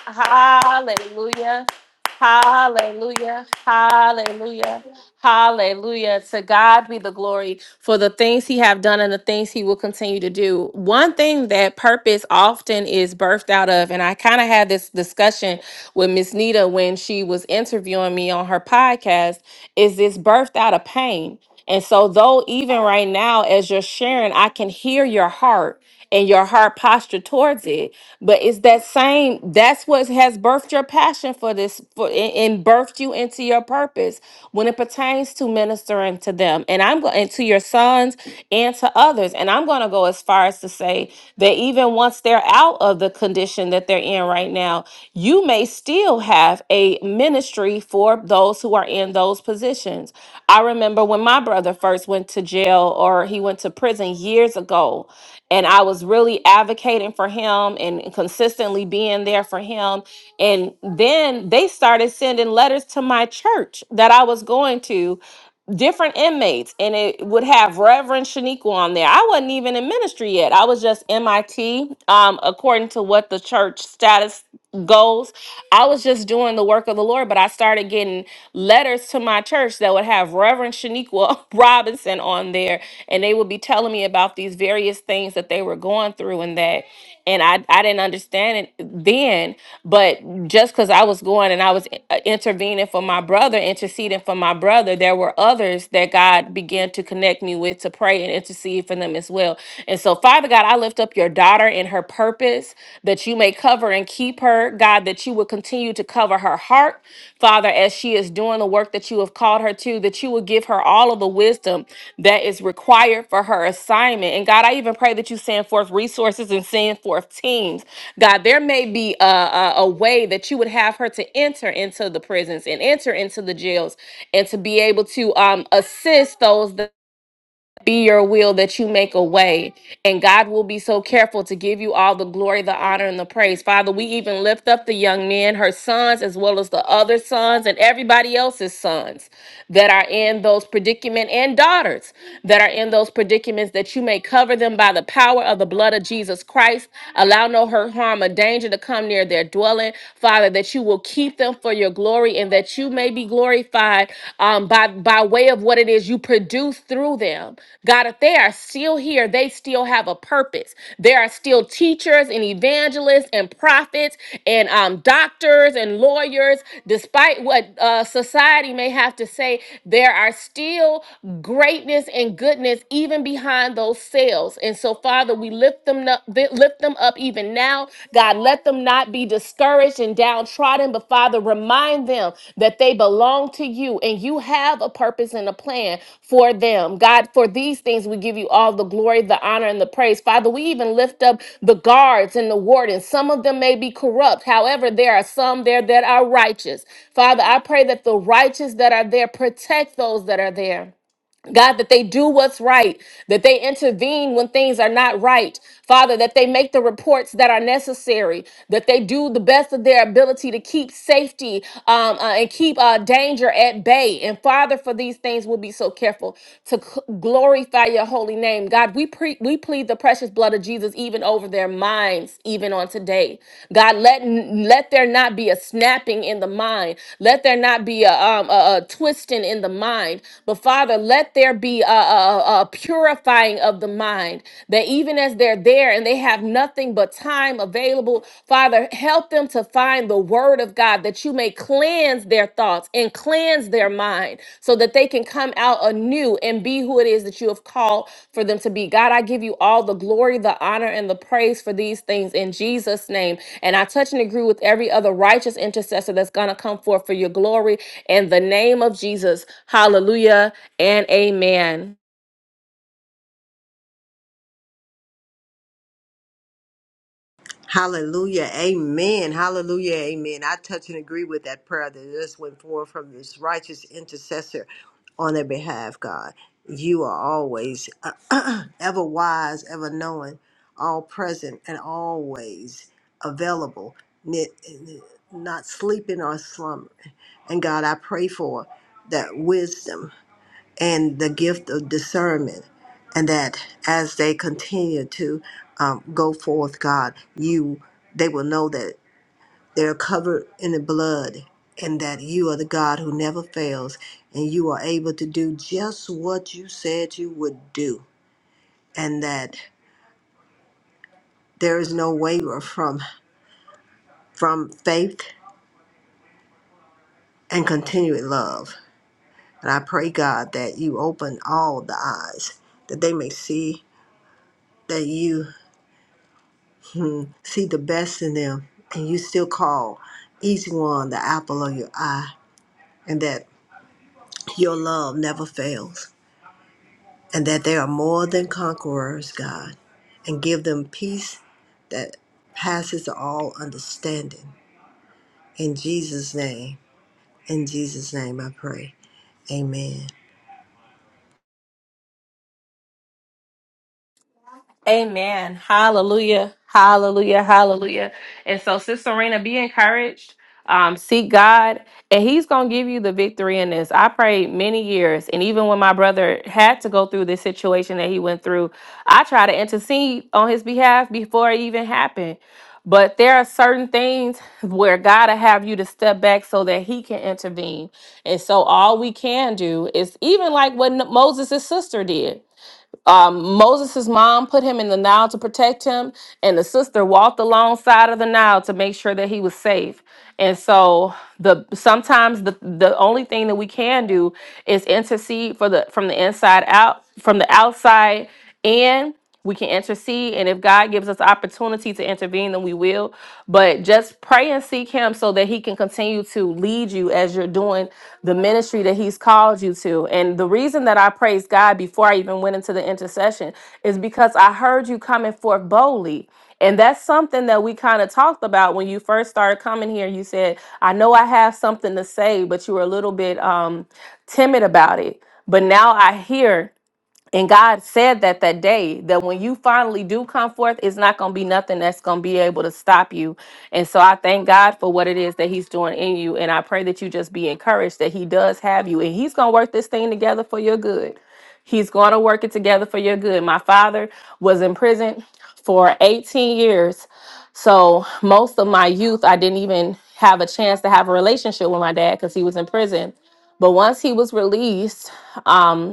[SPEAKER 1] Hallelujah. Hallelujah. Hallelujah. Hallelujah. To God be the glory for the things he have done and the things he will continue to do. One thing that purpose often is birthed out of and I kind of had this discussion with Miss Nita when she was interviewing me on her podcast is this birthed out of pain. And so, though even right now, as you're sharing, I can hear your heart and your heart posture towards it. But it's that same, that's what has birthed your passion for this for, and and birthed you into your purpose. When it pertains to ministering to them and I'm going to your sons and to others. And I'm going to go as far as to say that even once they're out of the condition that they're in right now, you may still have a ministry for those who are in those positions. I remember when my brother first went to jail or he went to prison years ago, and I was really advocating for him and consistently being there for him. And then they started sending letters to my church that I was going to different inmates and it would have Reverend Shaniqua on there. I wasn't even in ministry yet. I was just MIT um according to what the church status goes. I was just doing the work of the Lord, but I started getting letters to my church that would have Reverend Shaniqua Robinson on there and they would be telling me about these various things that they were going going through and that and I I didn't understand it then, but just cuz I was going and I was i- uh, intervening for my brother, interceding for my brother, there were others that God began to connect me with to pray and intercede for them as well. And so Father God, I lift up your daughter and her purpose that you may cover and keep her, God, that you would continue to cover her her heart, Father, as she is doing the work that you have called her to, that you will give her all of the wisdom that is required for her assignment. And God, I even pray that you send forth resources and send forth teams. God, there may be a, a, a way that you would have her to enter into the prisons and enter into the jails and to be able to um, assist those be your will that you make a way. And God will be so careful to give you all the glory, the honor, and the praise. Father, we even lift up the young men, her sons, as well as the other sons and everybody else's sons that are in those predicaments, and daughters that are in those predicaments that you may cover them by the power of the blood of Jesus Christ. Allow no hurt, harm, or danger to come near their dwelling. Father, that you will keep them for your glory glory and that you may be glorified um, by, by way of what it is you produce through them. God, if they are still here, they still have a purpose. There are still teachers and evangelists and prophets and um, doctors and lawyers. Despite what uh, society may have to say, there are still greatness and goodness even behind those cells. And so, Father, we lift them up, lift them up even now. God, let them not be discouraged and downtrodden, but Father, remind them that they belong to you and you have a purpose and a plan for them. God, for these things, we give you all the glory, the honor, and the praise. Father, we even lift up the guards and the wardens. Some of them may be corrupt. However, there are some there that are righteous. Father, I pray that the righteous that are there protect those that are there. God, that they do what's right, that they intervene when things are not right. Father, that they make the reports that are necessary, that they do the best of their ability to keep safety um, uh, and keep uh, danger at bay. And Father, for these things, we'll be so careful to c- glorify your holy name. God, we, pre- we plead the precious blood of Jesus even over their their minds even on today. God, let let there not be a snapping in the mind. Let there not be a um a, a twisting in the mind. But Father, let there be a, a, a purifying of the mind. That even as they're there and they have nothing but time available, Father, help them to find the Word of God that you may cleanse cleanse their thoughts and cleanse their mind so that they can come out anew and be who it is that you have called for them to be. God, I give you all the glory, the honor, and the praise for these things in Jesus' name. And I touch and agree with every other righteous intercessor that's going to come forth for your glory in the name of Jesus. Hallelujah and amen.
[SPEAKER 2] Hallelujah. Amen. Hallelujah. Amen. I touch and agree with that prayer that just went forth from this righteous intercessor on their behalf, God. You are always uh, ever wise, ever knowing, all present, and always available, ni- not sleeping or slumbering. And God, I pray for that wisdom and the gift of discernment. And that as they continue to um, go forth, God, you they will know that they're covered in the blood and that you are the God who never fails and you are able to do just what you said you would do and that there is no waver from from faith and continued love. And I pray God that you open all the eyes that they may see that you Hmm. see the best in them, and you still call each one the apple of your eye, and that your love never fails, and that they are more than conquerors, God, and give them peace that passes all understanding. In Jesus' name, in Jesus' name I pray. Amen.
[SPEAKER 1] Amen. Hallelujah. Hallelujah. Hallelujah. And so, Sister Serena, be encouraged. Um, seek God, and He's going to give you the victory in this. I prayed many years, and even when my brother had to go through this situation that he went through, I tried to intercede on his behalf before it even happened. But there are certain things where God will have you to step back so that He can intervene. And so, all we can do is even like what Moses' sister did. Um, Moses' mom put him in the Nile to protect him, and the sister walked alongside of the Nile to make sure that he was safe. And so the sometimes the, the only thing that we can do is intercede for the from the inside out, from the outside, and we can intercede. And if God gives us opportunity to intervene, then we will. But just pray and seek Him so that He can continue to lead you as you're doing the ministry that He's called you to. And the reason that I praised God before I even went into the intercession is because I heard you coming forth boldly. And that's something that we kind of talked about when you first started coming here. You said, I know I have something to say, but you were a little bit um, timid about it. But now I hear and God said that that day, that when you finally do come forth, it's not going to be nothing that's going to be able to stop you. And so I thank God for what it is that He's doing in you. And I pray that you just be encouraged that He does have you. And He's going to work this thing together for your good. He's going to work it together for your good. My father was in prison for 18 years. So most of my youth, I didn't even have a chance to have a relationship with my dad because he was in prison. But once he was released, um,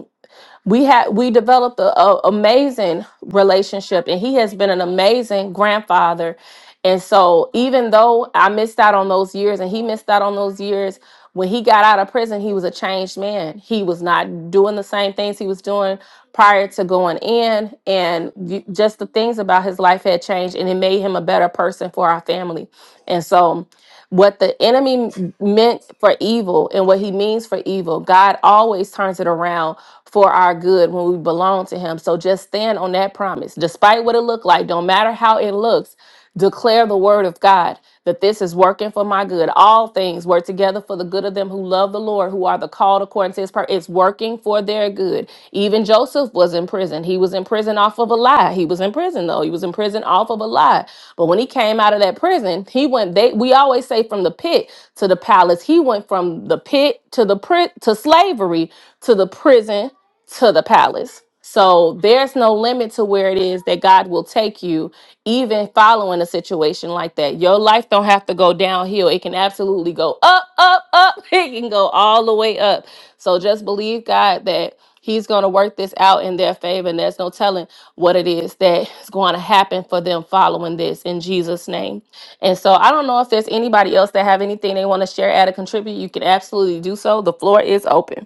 [SPEAKER 1] we had we developed a, a amazing relationship and he has been an amazing grandfather and so even though i missed out on those years and he missed out on those years when he got out of prison he was a changed man he was not doing the same things he was doing prior to going in and you- just the things about his life had changed and it made him a better person for our family and so what the enemy m- meant for evil and what he means for evil, God always turns it around for our good when we belong to him. So just stand on that promise. Despite what it looked like, don't matter how it looks, declare the word of God that this is working for my good. All things work together for the good of them who love the Lord the Lord who are the called according to his purpose. It's working for their good. Even Joseph was in prison. He was in prison off of a lie. He was in prison though. He was in prison off of a lie. But when he came out of that prison, he went they we always say from the pit to the palace. He went from the pit to the pri- to slavery to the prison to the palace. So there's no limit to where it is that God will take you, even following a situation like that. Your life don't have to go downhill. It can absolutely go up, up, up. It can go all the way up. So just believe God that He's going to work this out in their favor, and there's no telling what it is that is going to happen for them following this in Jesus' name. And so I don't know if there's anybody else that have anything they want to share, add, or contribute. You can absolutely do so. The floor is open.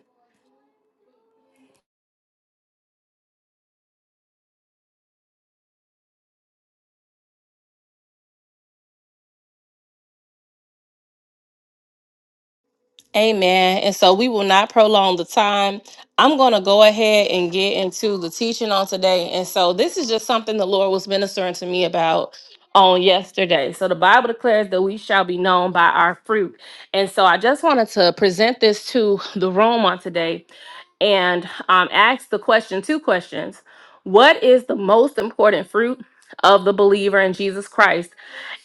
[SPEAKER 1] Amen. And so we will not prolong the time. I'm going to go ahead and get into the teaching on today. And so this is just something the Lord was ministering to me about on yesterday. So the Bible declares that we shall be known by our fruit. And so I just wanted to present this to the room on today and um, ask the question two questions. What is the most important fruit of the believer in Jesus Christ?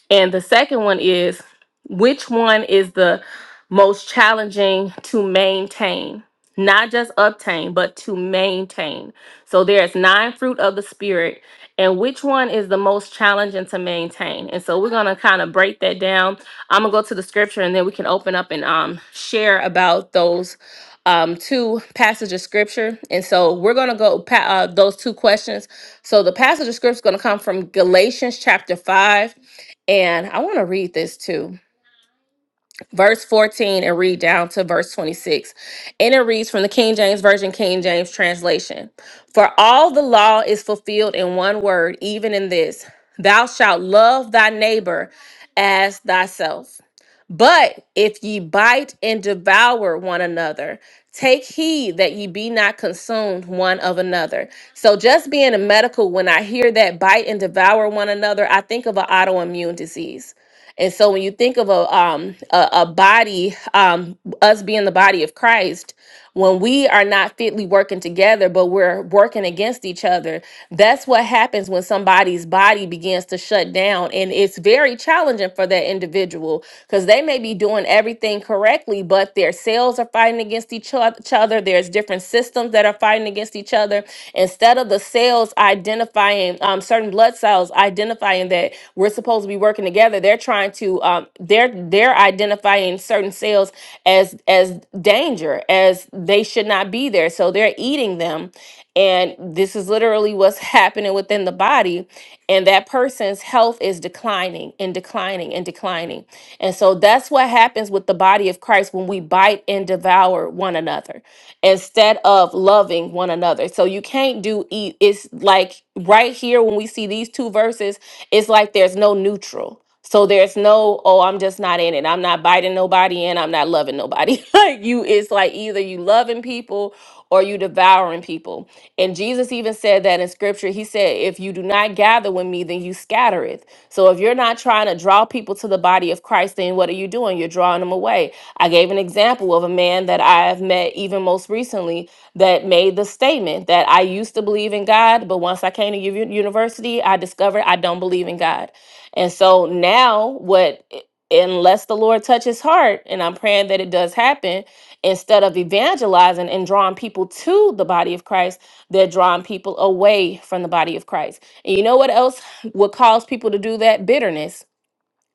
[SPEAKER 1] And the second one is which one is the most challenging to maintain, not just obtain, but to maintain. So there's nine fruit of the spirit, and which one is the most challenging to maintain? And so we're gonna kind of break that down. I'm gonna go to the scripture, and then we can open up and um share about those um two passages of scripture. And so we're gonna go pa- uh, those two questions. So the passage of scripture is gonna come from Galatians chapter five, and I want to read this too verse 14 and read down to verse 26. And it reads from the King James Version, King James translation For all the law is fulfilled in one word, even in this Thou shalt love thy neighbor as thyself. But if ye bite and devour one another, take heed that ye be not consumed one of another. So, just being a medical, when I hear that bite and devour one another, I think of an autoimmune disease. And so, when you think of a um, a, a body, um, us being the body of Christ, when we are not fitly working together, but we're working against each other, that's what happens when somebody's body begins to shut down. And it's very challenging for that individual because they may be doing everything correctly, but their cells are fighting against each oth- each other. There's different systems that are fighting against each other. Instead of the cells identifying saying um, certain blood cells identifying that we're supposed to be working together. They're trying to um, they're they're identifying certain cells as as danger, as they should not be there. So they're eating them, and this is literally what's happening within the body. And that person's health is declining and declining and declining. And so that's what happens with the body of Christ when we bite and devour one another instead of loving one another. So you can't do e- it's like right here when we see these two verses, it's like there's no neutral. So there's no, oh, I'm just not in it. I'm not biting nobody and I'm not loving nobody. like you, it's like either you loving people or you devouring people. And Jesus even said that in scripture. He said, If you do not gather with me, then you scattereth. So if you're not trying to draw people to the body of Christ, then what are you doing? You're drawing them away. I gave an example of a man that I have met even most recently that made the statement that I used to believe in God, but once I came to u- university, I discovered I don't believe in God. And so now, what, unless the Lord touches his heart, and I'm praying that it does happen, instead of evangelizing and drawing people to the body of Christ, they're drawing people away from the body of Christ. And you know what else would cause people to do that? Bitterness.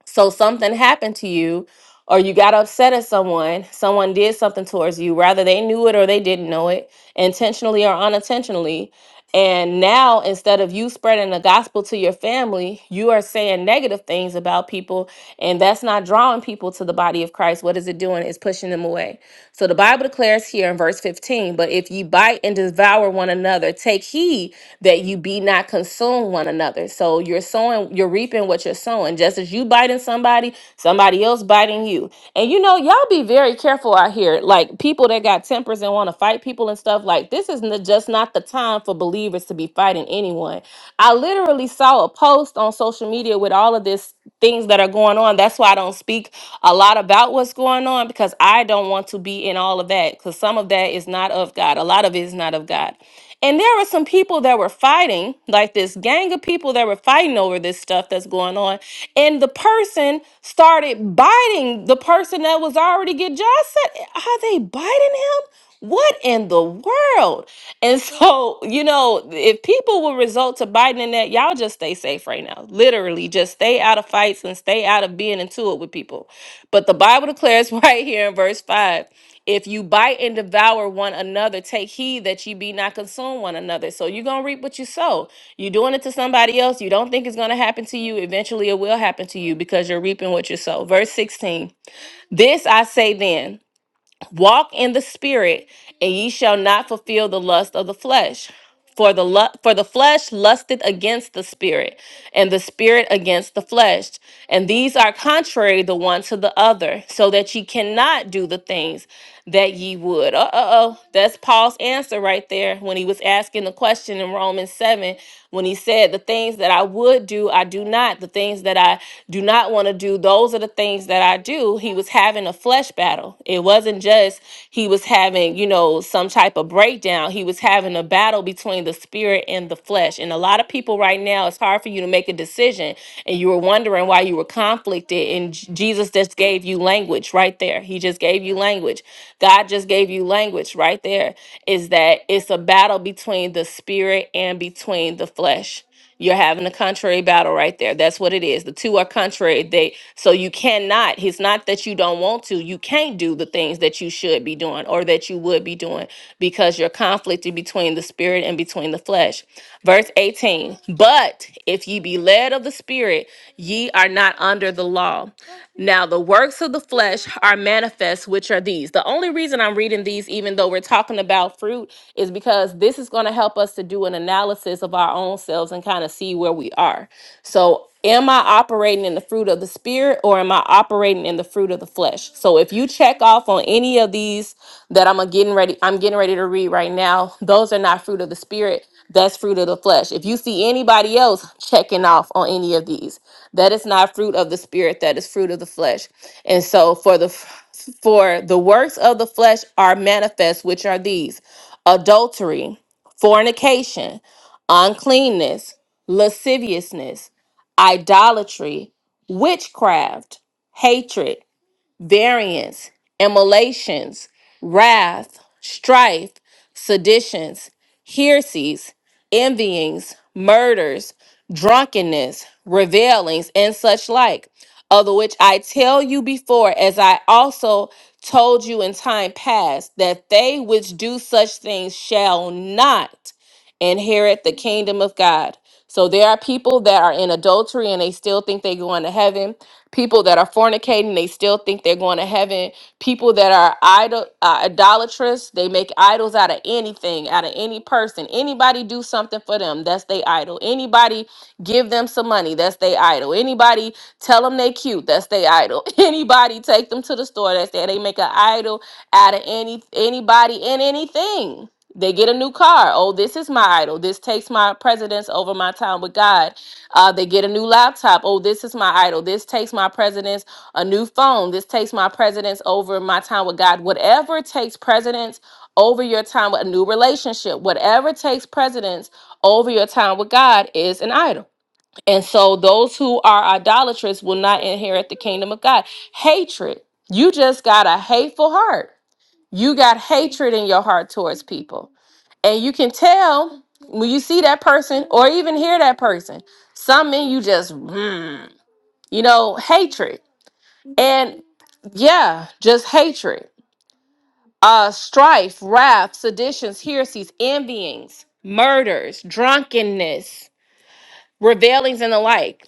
[SPEAKER 1] So something happened to you, or you got upset at someone, someone did something towards you, rather they knew it or they didn't know it, intentionally or unintentionally. And now, instead of you spreading the gospel to your family, you are saying negative things about people, and that's not drawing people to the body of Christ. What is it doing? It's pushing them away. So the Bible declares here in verse 15, but if ye bite and devour one another, take heed that you be not consumed one another. So you're sowing, you're reaping what you're sowing. Just as you biting somebody, somebody else biting you. And you know, y'all be very careful out here. Like people that got tempers and want to fight people and stuff, like this is n- just not the time for believers to be fighting anyone. I literally saw a post on social media with with all of this things that are going on. That's why I don't speak a lot about what's going on because I don't want to be in all of that because some of that is not of God. A lot of it is not of God. And there were some people that were fighting, like this gang of people that were fighting over this stuff that's going on. And the person started biting the person that was already get. I said, Are they biting him? What in the world? And so, you know, if people will resort to biting in that, y'all just stay safe right now. Literally, just stay out of fights and stay out of being into it with people. But the Bible declares right here in verse 5 if you bite and devour one another, take heed that you be not consumed one another. So you're going to reap what you sow. You're doing it to somebody else. You don't think it's going to happen to you. Eventually, it will happen to you because you're reaping what you sow. Verse 16 This I say then. Walk in the spirit, and ye shall not fulfill the lust of the flesh. For the lu- for the flesh lusteth against the spirit, and the spirit against the flesh, and these are contrary the one to the other, so that ye cannot do the things that ye would. Uh oh, that's Paul's answer right there when he was asking the question in Romans seven, when he said, "The things that I would do, I do not; the things that I do not want to do, those are the things that I do." He was having a flesh battle. It wasn't just he was having having, you know, some type of breakdown. He was having a battle between the spirit and the flesh. And a lot of people right now, it's hard for you to make a decision. And you were wondering why you were conflicted. And J- Jesus just gave you language right there. He just gave you language. God just gave you language right there. Is that it's a battle between the spirit and between the flesh. You're having a contrary battle right there. That's what it is. The two are contrary. They so you cannot. It's not that you don't want to. You can't do the things that you should be doing or that you would be doing because you're conflicted between the spirit and between the flesh. Verse 18. But if ye be led of the spirit, ye are not under the law. Now the works of the flesh are manifest, which are these. The only reason I'm reading these, even though we're talking about fruit, is because this is going to help us to do an analysis of our our own selves and kind of see where we are. So, am I operating in the fruit of the spirit or am I operating in the fruit of the flesh? So, if you check off on any of these that I'm a getting ready, I'm getting ready to read right now, those are not fruit of the spirit. That's fruit of the flesh. If you see anybody else checking off on any of these, that is not fruit of the spirit. That is fruit of the flesh. And so, for the for the works of the flesh are manifest, which are these: adultery, fornication uncleanness, lasciviousness, idolatry, witchcraft, hatred variance, immolations, wrath, strife, seditions, heresies, envyings, murders, drunkenness, revelings, and such like, of the which I tell you before, as I also told you in time past, that they which do such things shall not inherit the kingdom of God. So there are people that are in adultery and they still think they're going to heaven people that are fornicating they still think they're going to heaven people that are idol uh, idolatrous they make idols out of anything out of any person anybody do something for them that's they idol anybody give them some money that's they idol anybody tell them they cute that's they idol anybody take them to the store that's they they make an idol out of any anybody and anything they get a new car oh this is my idol this takes my precedence over my time with god uh, they get a new laptop. Oh, this is my idol. This takes my precedence. A new phone. This takes my precedence over my time with God. Whatever takes precedence over your time with a new relationship, whatever takes precedence over your time with God is an idol. And so those who are idolatrous will not inherit the kingdom of God. Hatred. You just got a hateful heart. You got hatred in your heart towards people and you can tell when you see that person or even hear that person, some in you just, mm, you know, hatred. And yeah, just hatred, uh, strife, wrath, seditions, heresies, envyings, murders, drunkenness, revelings, and the like.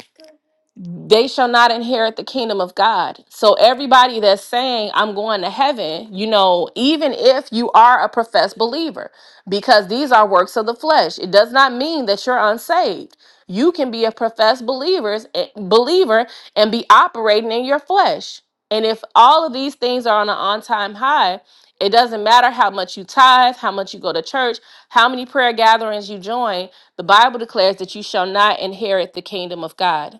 [SPEAKER 1] they shall not inherit the kingdom of God. So everybody that's saying I'm going to heaven, you know, even if you are a professed believer, because these are works of the flesh, it does not mean that you're unsaved. You can be a professed believers eh, believer and be operating in your flesh. And if all of these things are on an on-time high, it doesn't matter how much you tithe, how much you go to church, how many prayer gatherings you join, the Bible declares that you shall not inherit the kingdom of God.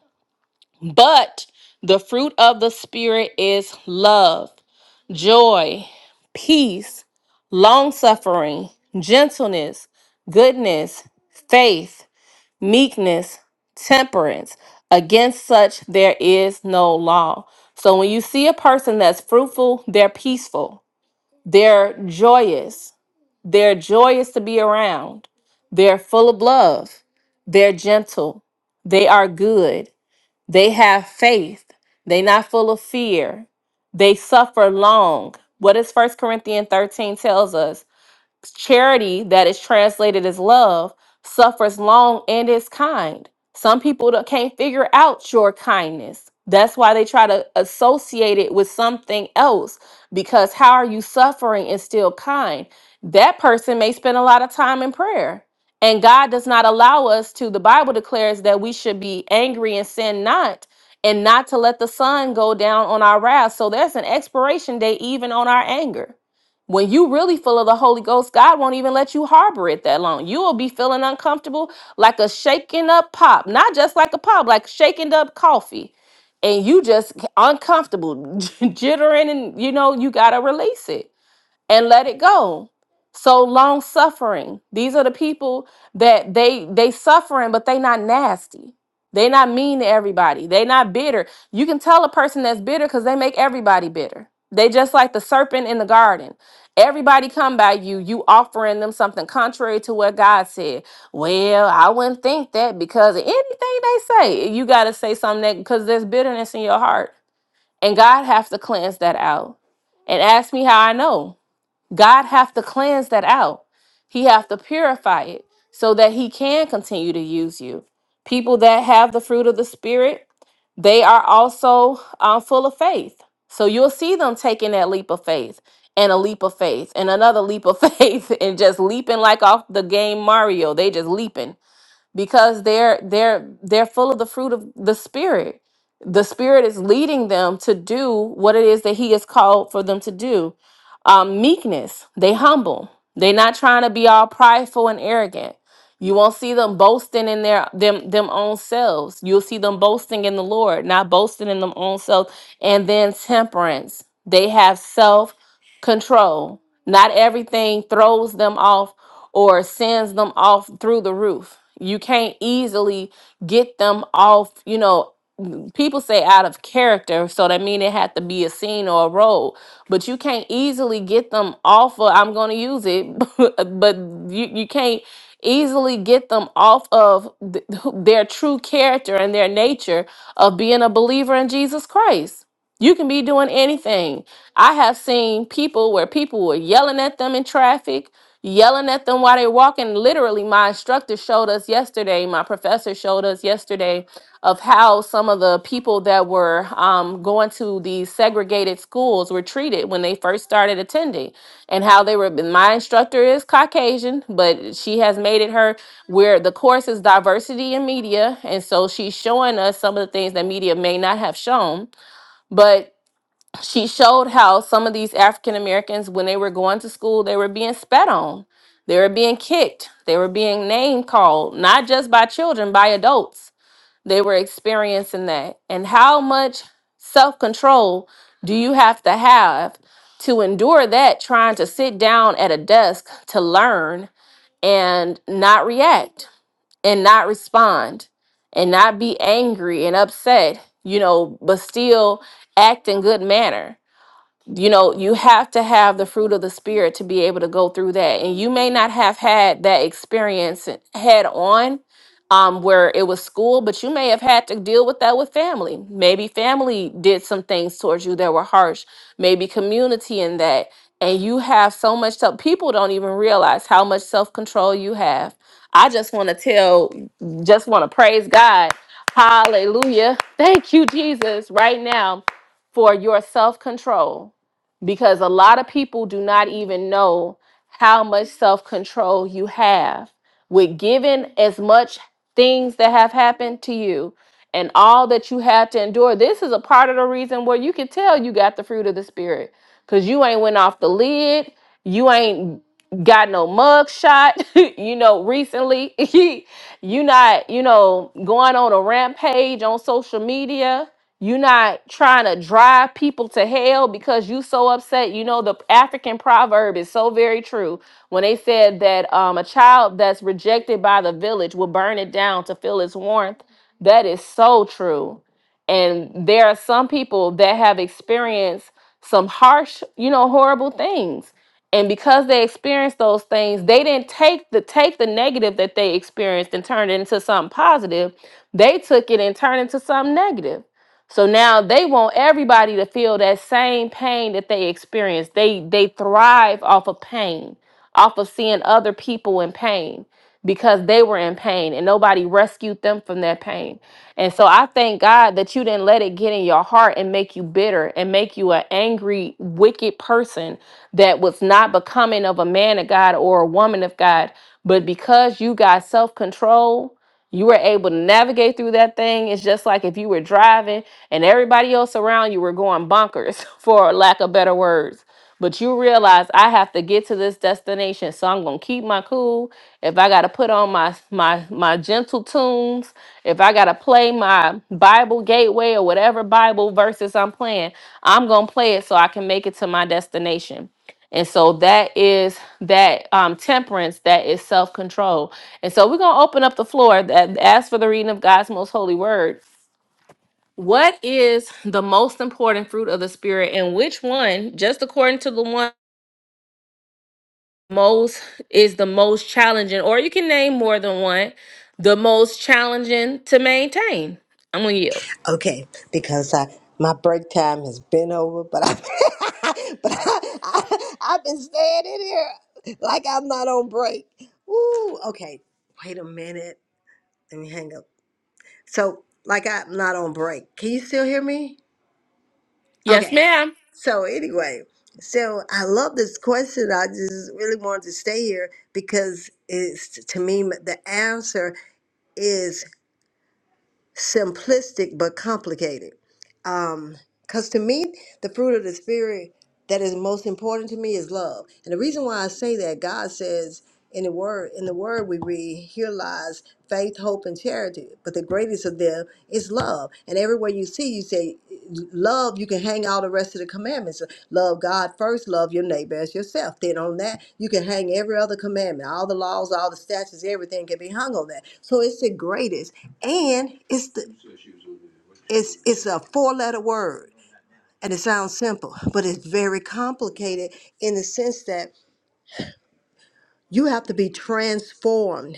[SPEAKER 1] But the fruit of the Spirit is love, joy, peace, long suffering, gentleness, goodness, faith, meekness, temperance. Against such there is no law. So when you see a person that's fruitful, they're peaceful, they're joyous, they're joyous to be around, they're full of love, they're gentle, they are good. They have faith. They not full of fear. They suffer long. What does First Corinthians 13 tells us? charity that is translated as love suffers long and is kind some people don't- can't figure out your kindness that's why they try to associate it with something else because how are you suffering and still kind that person may spend a lot of time in prayer and god does not allow us to the bible declares that we should be angry and sin not and not to let the sun go down on our wrath so there's an expiration date even on our anger when you really full of the Holy Ghost, God won't even let you harbor it that long. You will be feeling uncomfortable like a shaken up pop, not just like a pop, like shaken up coffee. And you just uncomfortable, jittering, and you know, you got to release it and let it go so long suffering these are the people that they they suffering but they not nasty they not mean to everybody they not bitter you can tell a person that's bitter because they make everybody bitter they just like the serpent in the garden everybody come by you you offering them something contrary to what god said well i wouldn't think that because of anything they say you got to say something that because there's bitterness in your heart and god has to cleanse that out and ask me how i know God have to cleanse that out. He have to purify it so that he can continue to use you. People that have the fruit of the spirit, they are also uh, full of faith. So you'll see them taking that leap of faith and a leap of faith and another leap of faith and just leaping like off the game Mario. They just leaping because they're they're they're full of the fruit of the spirit. The spirit is leading them to do what it is that he has called for them to do um, meekness, they humble. They not trying to be all prideful and arrogant. You won't see them boasting in their them them own selves. You'll see them boasting in the Lord, not boasting in them own selves. And then temperance. They have self control. Not everything throws them off or sends them off through the roof. You can't easily get them off, you know, people say out of character so that mean it had to be a scene or a role but you can't easily get them off of i'm going to use it but you, you can't easily get them off of th- their true character and their nature of being a believer in jesus christ you can be doing anything. I have seen people where people were yelling at them in traffic, yelling at them while they're walking. Literally, my instructor showed us yesterday, my professor showed us yesterday of how some of the people that were um, going to these segregated schools were treated when they first started attending and how they were. My instructor is Caucasian, but she has made it her where the course is diversity in media. And so she's showing us some of the things that media may not have shown. But she showed how some of these African Americans, when they were going to school, they were being spat on, they were being kicked, they were being name called, not just by children, by adults. They were experiencing that. And how much self control do you have to have to endure that trying to sit down at a desk to learn and not react and not respond and not be angry and upset, you know, but still act in good manner? you know you have to have the fruit of the spirit to be able to go through that and you may not have had that experience head on um, where it was school but you may have had to deal with that with family maybe family did some things towards you that were harsh maybe community in that and you have so much self people don't even realize how much self-control you have i just want to tell just want to praise god hallelujah thank you jesus right now for your self control because a lot of people do not even know how much self control you have with giving as much things that have happened to you and all that you had to endure. This is a part of the reason where you can tell you got the fruit of the spirit because you ain't went off the lid, you ain't got no mug shot you know recently you not you know going on a rampage on social media you're not trying to drive people to hell because you so upset. You know, the African proverb is so very true when they said that um, a child that's rejected by the village will burn it down to feel its warmth. That is so true. And there are some people that have experienced some harsh, you know, horrible things. And because they experienced those things, they didn't take the take the negative that they experienced and turn it into something positive. They took it and turned it into something negative. So now they want everybody to feel that same pain that they experience. They they thrive off of pain, off of seeing other people in pain because they were in pain and nobody rescued them from that pain. And so I thank God that you didn't let it get in your heart and make you bitter and make you an angry, wicked person that was not becoming of a man of God or a woman of God. But because you got self control, you were able to navigate through that thing. It's just like if you were driving and everybody else around you were going bonkers, for lack of better words. But you realize I have to get to this destination, so I'm gonna keep my cool. If I gotta put on my my my gentle tunes, if I gotta play my Bible Gateway or whatever Bible verses I'm playing, I'm gonna play it so I can make it to my destination. And so that is that um, temperance, that is self control. And so we're going to open up the floor that as for the reading of God's most holy word. What is the most important fruit of the spirit, and which one, just according to the one most is the most challenging, or you can name more than one, the most challenging to maintain? I'm going to yield.
[SPEAKER 2] Okay, because I, my break time has been over, but I, but I, I, I've been staying in here like I'm not on break. Ooh, okay. Wait a minute. Let me hang up. So, like I'm not on break. Can you still hear me?
[SPEAKER 1] Yes,
[SPEAKER 2] Okay.
[SPEAKER 1] ma'am.
[SPEAKER 2] So anyway, so I love this question. I just really wanted to stay here because it's to me the answer simplistic but complicated. Um, cause to me, the fruit of the spirit that is most important to me is love. And the reason why I say that, God says in the word in the word we read here lies faith hope and charity but the greatest of them is love and everywhere you see you say love you can hang all the rest of the commandments love god first love your neighbor as yourself then on that you can hang every other commandment all the laws all the statutes everything can be hung on that so it's the greatest and it's the it's it's a four letter word and it sounds simple but it's very complicated in the sense that you have to be transformed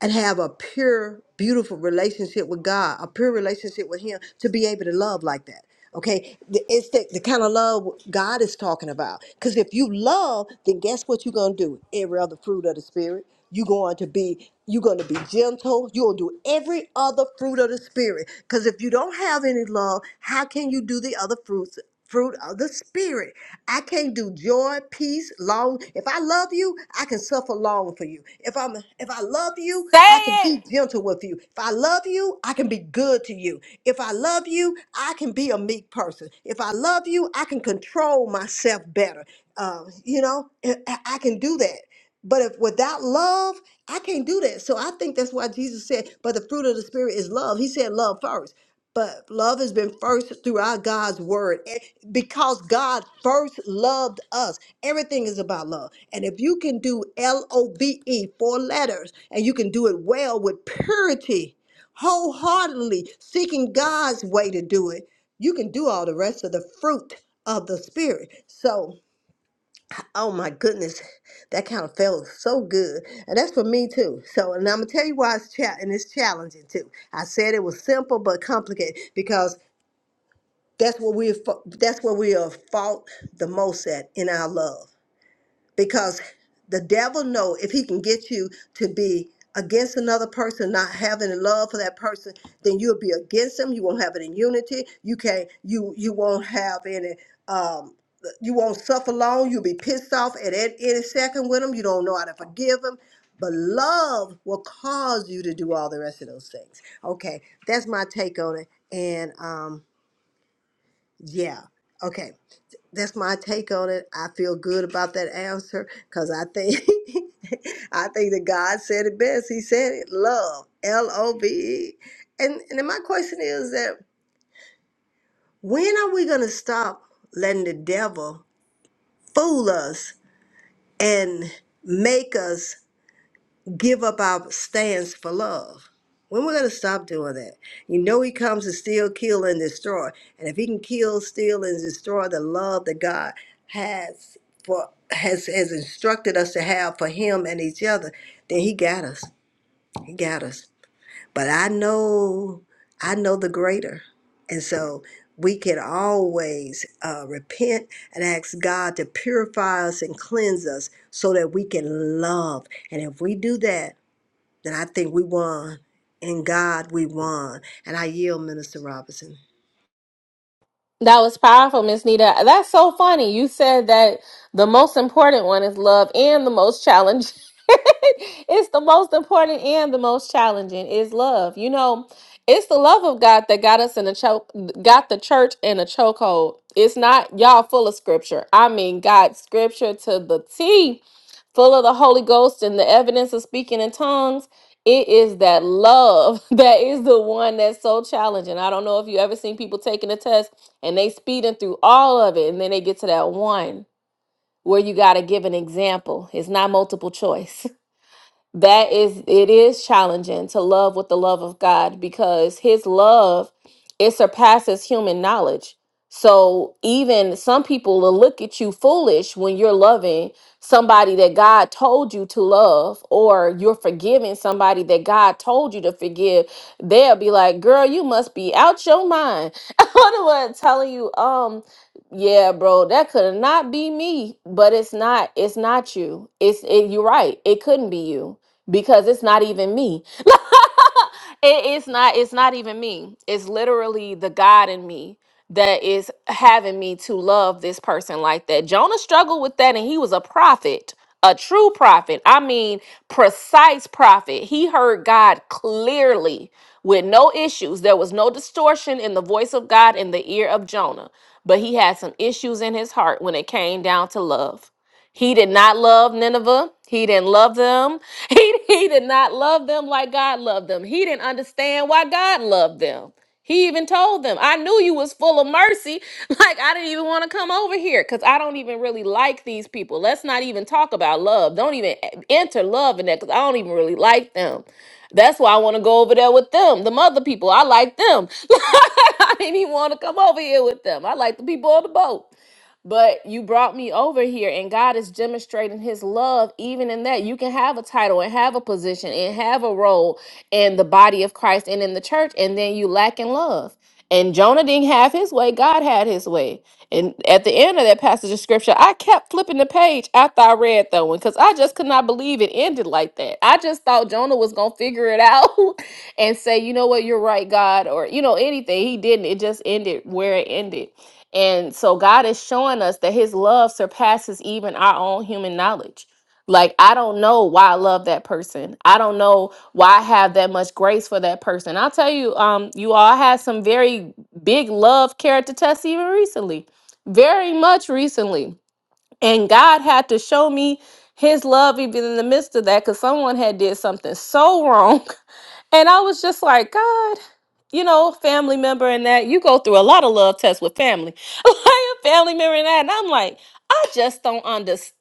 [SPEAKER 2] and have a pure, beautiful relationship with God, a pure relationship with Him to be able to love like that. Okay, The- it's the, the kind of love God is talking about. Because if you love, then guess what you're gonna do? Every other fruit of the Spirit, you're going to be you're gonna be gentle. you will do every other fruit of the Spirit. Because if you don't have any love, how can you do the other fruits fruit of the spirit. I can't do joy, peace, long. If I love you, I can suffer long for you. If I'm if I love you,
[SPEAKER 1] Say
[SPEAKER 2] I can
[SPEAKER 1] it.
[SPEAKER 2] be gentle with you. If I love you, I can be good to you. If I love you, I can be a meek person. If I love you, I can control myself better. Um, you know, I I- I can do that. But if without love, I can't do that. So I think that's why Jesus said, but the fruit of the spirit is love. He said love first. But love has been first throughout God's word and because God first loved us. Everything is about love. And if you can do L O V E, four letters, and you can do it well with purity, wholeheartedly, seeking God's way to do it, you can do all the rest of the fruit of the Spirit. So, Oh my goodness, that kind of felt so good, and that's for me too. So, and I'm gonna tell you why it's cha- and it's challenging too. I said it was simple but complicated because that's what we that's what we are fought the most at in our love because the devil know if he can get you to be against another person not having love for that person then you'll be against them you won't have any unity you can't you you won't have any um you won't suffer long you'll be pissed off at any, any second with them you don't know how to forgive them but love will cause you to do all the rest of those things okay that's my take on it and um yeah okay that's my take on it. I feel good about that answer because I think I think that God said it best. He said it, love, L O V E. And and then my question is that when are we gonna stop letting the devil fool us and make us give up our stance for love. When we're going to stop doing that? You know, He comes to steal, kill, and destroy. And if He can kill, steal, and destroy the love that God has for has has instructed us to have for Him and each other, then He got us. He got us. But I know, I know the greater, and so we can always uh, repent and ask God to purify us and cleanse us so that we can love. And if we do that, then I think we won. In God, we won. And I yield, Minister Robinson.
[SPEAKER 1] That was powerful, Miss Nita. That's so funny. You said that the most important one is love and the most challenging. it's the most important and the most challenging is love. You know, it's the love of God that got us in a choke, got the church in a chokehold. It's not y'all full of scripture. I mean, God's scripture to the T, full of the Holy Ghost and the evidence of speaking in tongues. It is that love that is the one that's so challenging. I don't know if you ever seen people taking a test and they speeding through all of it and then they get to that one where you got to give an example it's not multiple choice that is it is challenging to love with the love of God because his love it surpasses human knowledge. So even some people will look at you foolish when you're loving somebody that God told you to love or you're forgiving somebody that God told you to forgive. They'll be like, "Girl, you must be out your mind." I'm the one telling you, um yeah, bro, that could not be me, but it's not. It's not you. It's it, you're right. It couldn't be you because it's not even me. It- it's not it's not even me. It's literally the God in me that is having me to love this person like that. Jonah struggled with that and he was a prophet, a true prophet. I mean, precise prophet. He heard God clearly with no issues. There was no distortion in the voice of God in the ear of Jonah, but he had some issues in his heart when it came down to love. He did not love Nineveh. He didn't love them. He, he did not love them like God loved them. He didn't understand why God loved them. He even told them, I knew you was full of mercy. Like I didn't even want to come over here because I don't even really like these people. Let's not even talk about love. Don't even e, enter love in that because I don't even really like them. That's why I want to go over there with them. The mother people, I like them. I didn't even want to come over here with them. I like the people on the boat but you brought me over here and God is demonstrating his love even in that you can have a title and have a position and have a role in the body of Christ and in the church and then you lack in love. And Jonah didn't have his way, God had his way. And at the end of that passage of scripture, I kept flipping the page after I read that one because I just could not believe it ended like that. I just thought Jonah was going to figure it out and say, you know what, you're right, God, or, you know, anything. He didn't. It just ended where it ended. And so God is showing us that his love surpasses even our own human knowledge. Like, I don't know why I love that person. I don't know why I have that much grace for that person. I'll tell you, um, you all had some very big love character tests even recently. Very much recently and god had to show me his love even in the midst of that because someone had did something so wrong and i was just like god you know family member and that you go through a lot of love tests with family like a family member and that and i'm like i just don't understand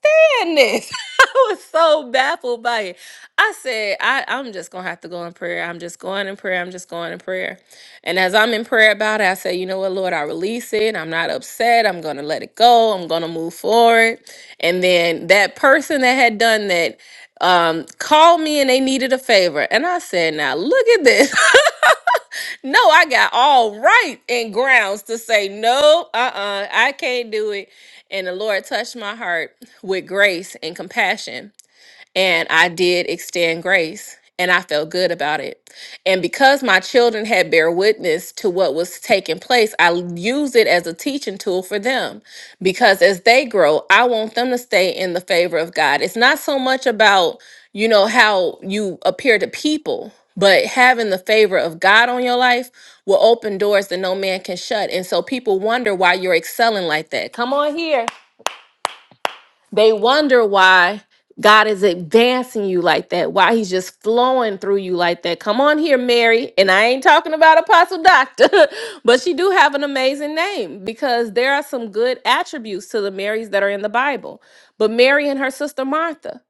[SPEAKER 1] this I was so baffled by it. I said, I, I'm just gonna have to go in prayer. I'm just going in prayer. I'm just going in prayer. And as I'm in prayer about it, I say, you know what, Lord, I release it. I'm not upset. I'm gonna let it go. I'm gonna move forward. And then that person that had done that um called me and they needed a favor. And I said, now look at this. no, I got all right and grounds to say, no, uh-uh, I can't do it. And the Lord touched my heart with grace and compassion. And I did extend grace. And I felt good about it. And because my children had bear witness to what was taking place, I used it as a teaching tool for them. Because as they grow, I want them to stay in the favor of God. It's not so much about, you know, how you appear to people, but having the favor of God on your life will open doors that no man can shut. And so people wonder why you're excelling like that. Come on here. They wonder why God is advancing you like that, why he's just flowing through you like that. Come on here, Mary. And I ain't talking about Apostle Doctor, but she do have an amazing name because there are some good attributes to the Marys that are in the Bible. But Mary and her sister Martha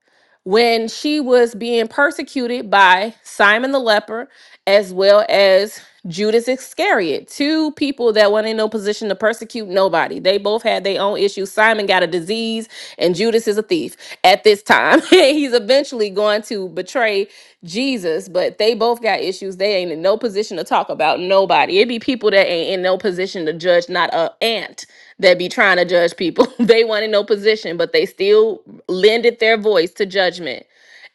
[SPEAKER 1] when she was being persecuted by Simon the leper as well as Judas Iscariot, two people that weren't in no position to persecute nobody. They both had their own issues. Simon got a disease, and Judas is a thief at this time. He's eventually going to betray Jesus, but they both got issues. They ain't in no position to talk about nobody. It be people that ain't in no position to judge not a ant that be trying to judge people. they want in no position, but they still lended their voice to judgment.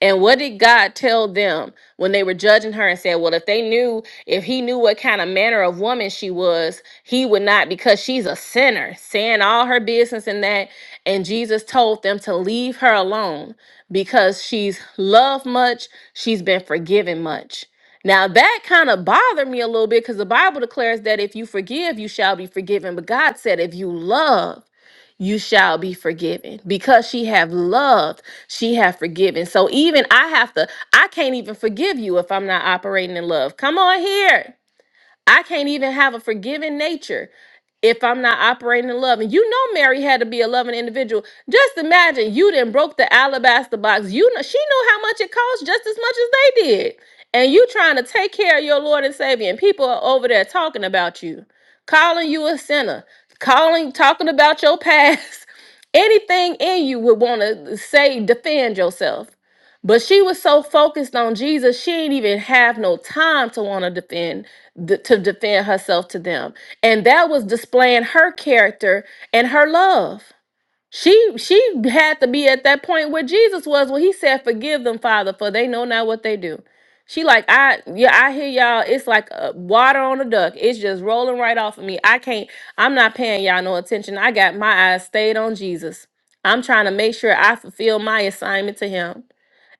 [SPEAKER 1] And what did God tell them when they were judging her and said, Well, if they knew, if he knew what kind of manner of woman she was, he would not, because she's a sinner, saying all her business and that. And Jesus told them to leave her alone because she's loved much, she's been forgiven much. Now that kind of bothered me a little bit because the Bible declares that if you forgive, you shall be forgiven. But God said, if you love, you shall be forgiven. Because she have loved, she have forgiven. So even I have to, I can't even forgive you if I'm not operating in love. Come on here. I can't even have a forgiving nature if I'm not operating in love. And you know Mary had to be a loving individual. Just imagine you didn't broke the alabaster box. You know she knew how much it cost just as much as they did. And you trying to take care of your Lord and Savior. And people are over there talking about you, calling you a sinner, calling, talking about your past. Anything in you would want to say, defend yourself. But she was so focused on Jesus, she didn't even have no time to want to defend th- to defend herself to them. And that was displaying her character and her love. She she had to be at that point where Jesus was when he said, "Forgive them, Father, for they know not what they do." She like, "I yeah, I hear y'all. It's like uh, water on a duck. It's just rolling right off of me. I can't I'm not paying y'all no attention. I got my eyes stayed on Jesus. I'm trying to make sure I fulfill my assignment to him."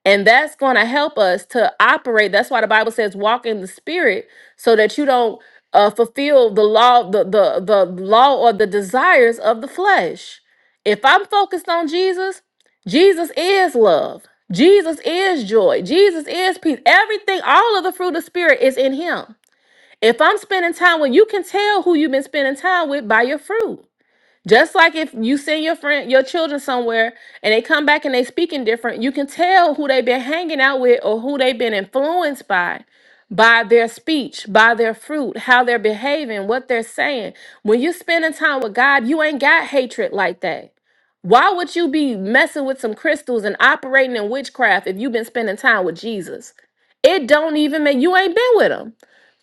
[SPEAKER 1] And that's going to help us to operate. That's why the Bible says walk in the spirit so that you don't uh, fulfill the law, the, the, the law or the desires of the flesh. If I'm focused on Jesus, Jesus is love. Jesus is joy. Jesus is peace. Everything, all of the fruit of spirit is in him. If I'm spending time with you can tell who you've been spending time with by your fruit. Just like if you send your friend, your children somewhere, and they come back and they speaking different, you can tell who they've been hanging out with or who they've been influenced by, by their speech, by their fruit, how they're behaving, what they're saying. When you're spending time with God, you ain't got hatred like that. Why would you be messing with some crystals and operating in witchcraft if you've been spending time with Jesus? It don't even make you ain't been with him.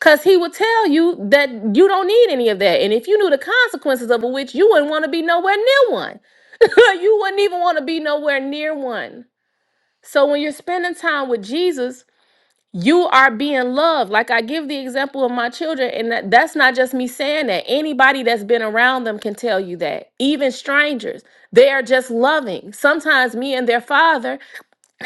[SPEAKER 1] Cause he would tell you that you don't need any of that. And if you knew the consequences of a witch, you wouldn't want to be nowhere near one. you wouldn't even want to be nowhere near one. So when you're spending time with Jesus, you are being loved. Like I give the example of my children, and that, that's not just me saying that. Anybody that's been around them can tell you that. Even strangers, they are just loving. Sometimes me and their father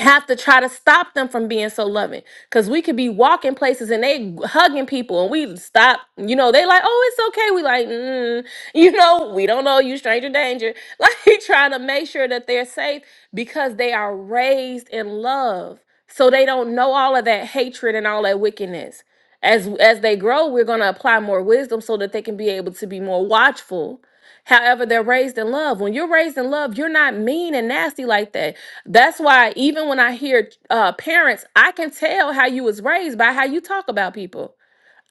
[SPEAKER 1] have to try to stop them from being so loving because we could be walking places and they hugging people and we stop you know they like oh it's okay we like mm, you know we don't know you stranger danger like trying to make sure that they're safe because they are raised in love so they don't know all of that hatred and all that wickedness as as they grow we're going to apply more wisdom so that they can be able to be more watchful However, they're raised in love. When you're raised in love, you're not mean and nasty like that. That's why even when I hear uh, parents, I can tell how you was raised by how you talk about people.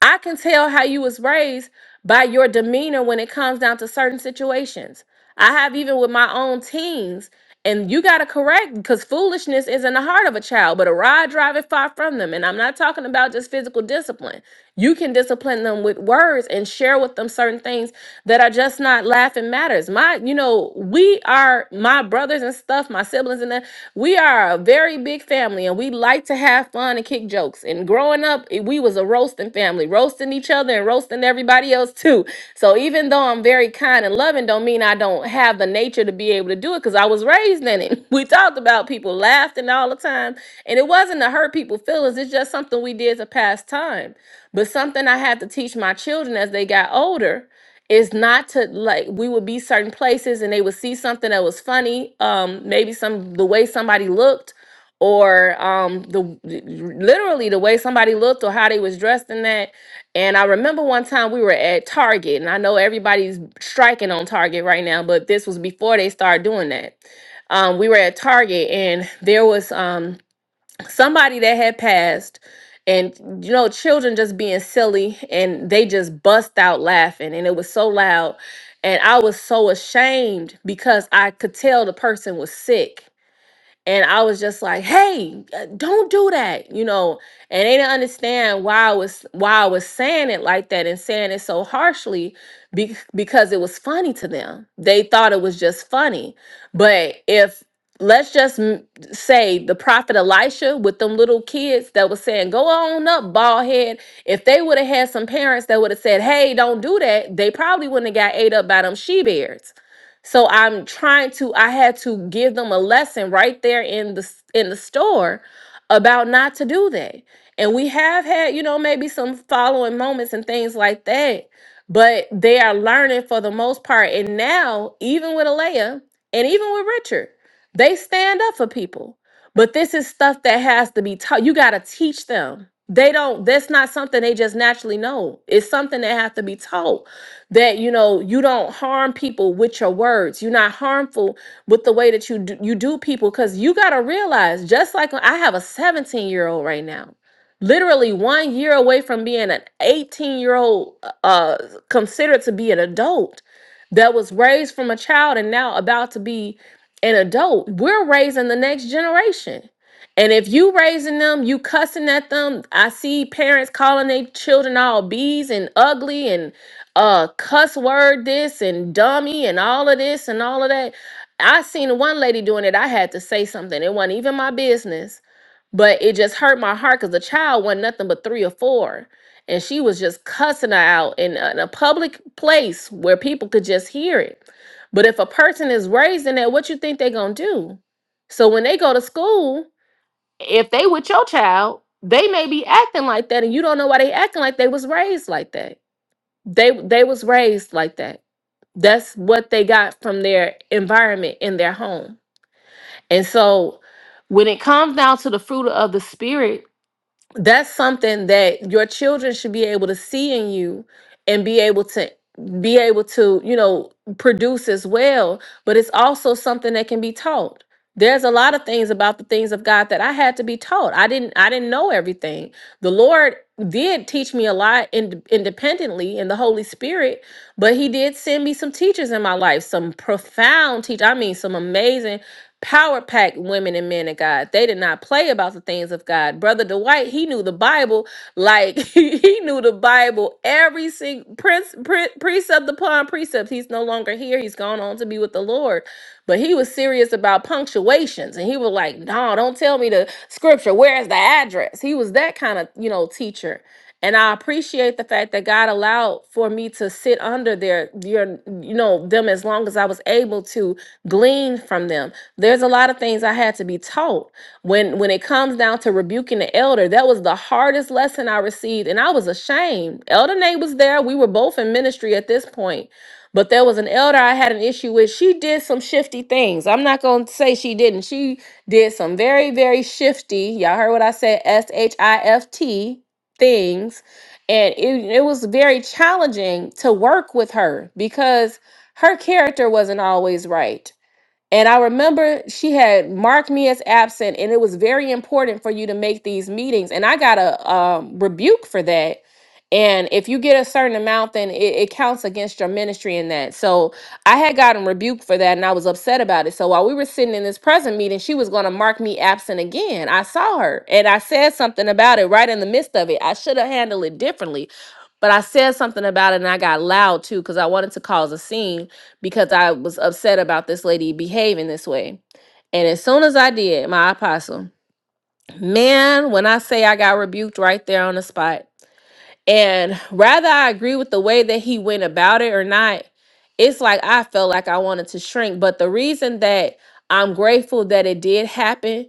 [SPEAKER 1] I can tell how you was raised by your demeanor when it comes down to certain situations. I have even with my own teens, and you gotta correct because foolishness is in the heart of a child, but a rod driveth far from them. And I'm not talking about just physical discipline. You can discipline them with words and share with them certain things that are just not laughing matters. My, you know, we are my brothers and stuff, my siblings and that. We are a very big family and we like to have fun and kick jokes. And growing up, eh, we was a roasting family, roasting each other and roasting everybody else too. So even though I'm very kind and loving, don't mean I don't have the nature to be able to do it because I was raised in it. We talked about people laughing all the time. And it wasn't to hurt people's feelings, it's just something we did to pass time. But something I had to teach my children as they got older is not to like we would be certain places and they would see something that was funny um maybe some the way somebody looked or um the literally the way somebody looked or how they was dressed in that and i remember one time we were at target and i know everybody's striking on target right now but this was before they started doing that um we were at target and there was um somebody that had passed and you know children just being silly and they just bust out laughing and it was so loud and i was so ashamed because i could tell the person was sick and I was just like, "Hey, uh, don't do that," you know. And they didn't understand why I was why I was saying it like that and saying it so harshly, be, because it was funny to them. They thought it was just funny. But if let's just m- say the prophet Elisha with them little kids that was saying, "Go on up, bald head," if they would have had some parents that would have said, "Hey, don't do that," they probably wouldn't have got ate up by them she bears so I'm trying to I had to give them a lesson right there in the s- in the store about not to do that. And we have had, you know, maybe some following moments and things like that, but they are learning for the most part. And now, even with Alea and even with Richard, they stand up for people. But this is stuff that has to be taught. You got to teach them. They don't, that's not something they just naturally know. It's something that has to be taught that you know you don't harm people with your words you're not harmful with the way that you do, you do people because you got to realize just like i have a 17 year old right now literally one year away from being an 18 year old uh considered to be an adult that was raised from a child and now about to be an adult. We're raising the next generation. And if you raising them, you cussing at them. I see parents calling their children all bees and ugly and uh cuss word this and dummy and all of this and all of that. I seen one lady doing it. I had to say something. It wasn't even my business but it just hurt my heart because the child wasn't nothing but three or four. And she was just cussing her out in a, in a public place where people could just hear it. But if a person is raised in that, what you think they're gonna do? So when they go to school, if they with your child, they may be acting like that, and you don't know why they acting like they was raised like that. They they was raised like that. That's what they got from their environment in their home. And so when it comes down to the fruit of the spirit, that's something that your children should be able to see in you and be able to be able to you know produce as well but it's also something that can be taught there's a lot of things about the things of god that i had to be taught i didn't i didn't know everything the lord did teach me a lot ind independently in the holy spirit but he did send me some teachers in my life some profound teach i mean some amazing power packed women and men of God. They did not play about the things of God. Brother Dwight, he knew the Bible like he, he knew the Bible every single prince, pre- precept upon precept. He's no longer here. He's gone on to be with the Lord. But he was serious about punctuations and he was like, no, don't tell me the scripture. Where is the address? He was that kind of, you know, teacher and I appreciate the fact that God allowed for me to sit under their your you know them as long as I was able to glean from them. There's a lot of things I had to be taught. When when it comes down to rebuking the elder, that was the hardest lesson I received and I was ashamed. Elder Nate was there. We were both in ministry at this point. But there was an elder I had an issue with. She did some shifty things. I'm not going to say she didn't. She did some very, very shifty. Y'all heard what I said S H I F T things and it, it was very challenging to work with her because her character wasn't always right and I remember she had marked me as absent, and it was very important for you to make these meetings. And I got a um, rebuke for that. And if you get a certain amount, then it, it counts against your ministry in that. So I had gotten rebuked for that, and I was upset about it. So while we were sitting in this present meeting, she was going to mark me absent again. I saw her, and I said something about it right in the midst of it. I should have handled it differently, but I said something about it, and I got loud too because I wanted to cause a scene because I was upset about this lady behaving this way. And as soon as I did, my apostle, man, when I say I got rebuked right there on the spot, and rather I agree with the way that he went about it or not, it's like I felt like I wanted to shrink. But the reason that I'm grateful that it did happen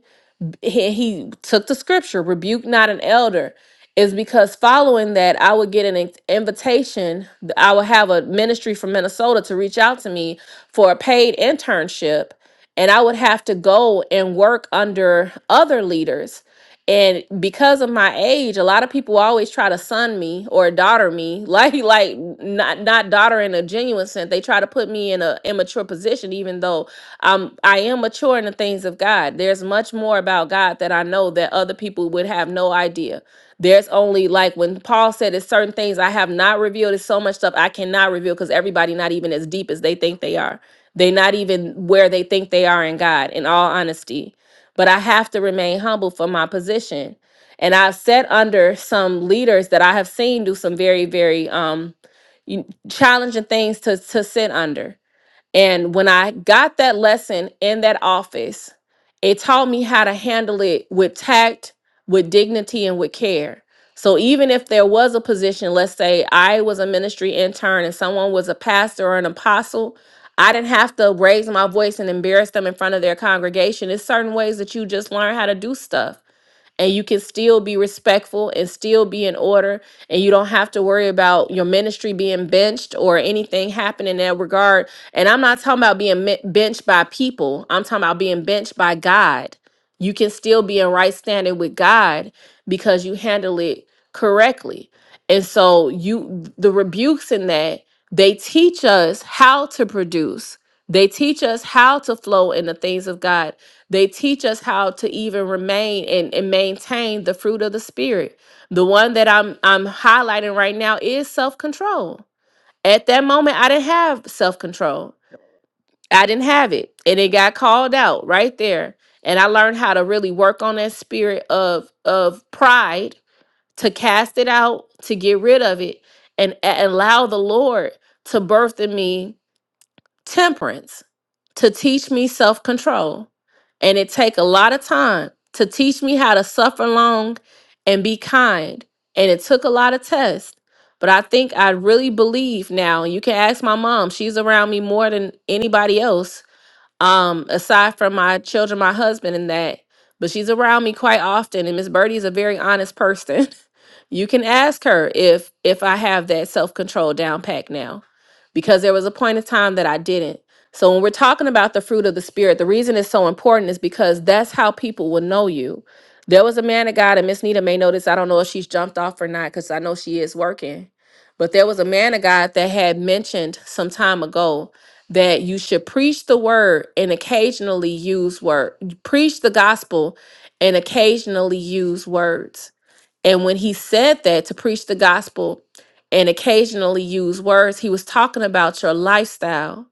[SPEAKER 1] he, he took the scripture, rebuke not an elder, is because following that, I would get an in- invitation. I would have a ministry from Minnesota to reach out to me for a paid internship, and I would have to go and work under other leaders. And because of my age, a lot of people always try to son me or daughter me, like like not not daughter in a genuine sense. They try to put me in an immature position, even though um i am mature in the things of god there's much more about god that i know that other people would have no idea there's only like when paul said it's certain things i have not revealed it's so much stuff i cannot reveal because everybody not even as deep as they think they are they not even where they think they are in god in all honesty but i have to remain humble for my position and i've sat under some leaders that i have seen do some very very um you- challenging things to to sit under and when I got that lesson in that office, it taught me how to handle it with tact, with dignity, and with care. So even if there was a position, let's say I was a ministry intern and someone was a pastor or an apostle, I didn't have to raise my voice and embarrass them in front of their congregation. It's certain ways that you just learn how to do stuff and you can still be respectful and still be in order and you don't have to worry about your ministry being benched or anything happening in that regard and i'm not talking about being me- benched by people i'm talking about being benched by god you can still be in right standing with god because you handle it correctly and so you the rebukes in that, they teach us how to produce. They teach us how to flow in the things of God. They teach us how to even remain and, and maintain the fruit of the spirit. The one that I'm I'm highlighting right now is self-control. At that moment, I didn't have self-control. I didn't have it. And it got called out right there. And I learned how to really work on that spirit of of pride to cast it out, to get rid of it, and a- allow the Lord to birth in me temperance, to teach me self control. And it take a lot of time to teach me how to suffer long and be kind. And it took a lot of tests. But I think I really believe now, you can ask my mom, she's around me more than anybody else um aside from my children my husband and that but she's around me quite often and miss birdie is a very honest person you can ask her if if i have that self-control down pack now because there was a point in time that i didn't so when we're talking about the fruit of the spirit the reason it's so important is because that's how people will know you there was a man of god and miss nita may notice i don't know if she's jumped off or not because i know she is working but there was a man of god that had mentioned some time ago that you should preach the word and occasionally use word preach the gospel and occasionally use words and when he said that to preach the gospel and occasionally use words, he was talking about your lifestyle.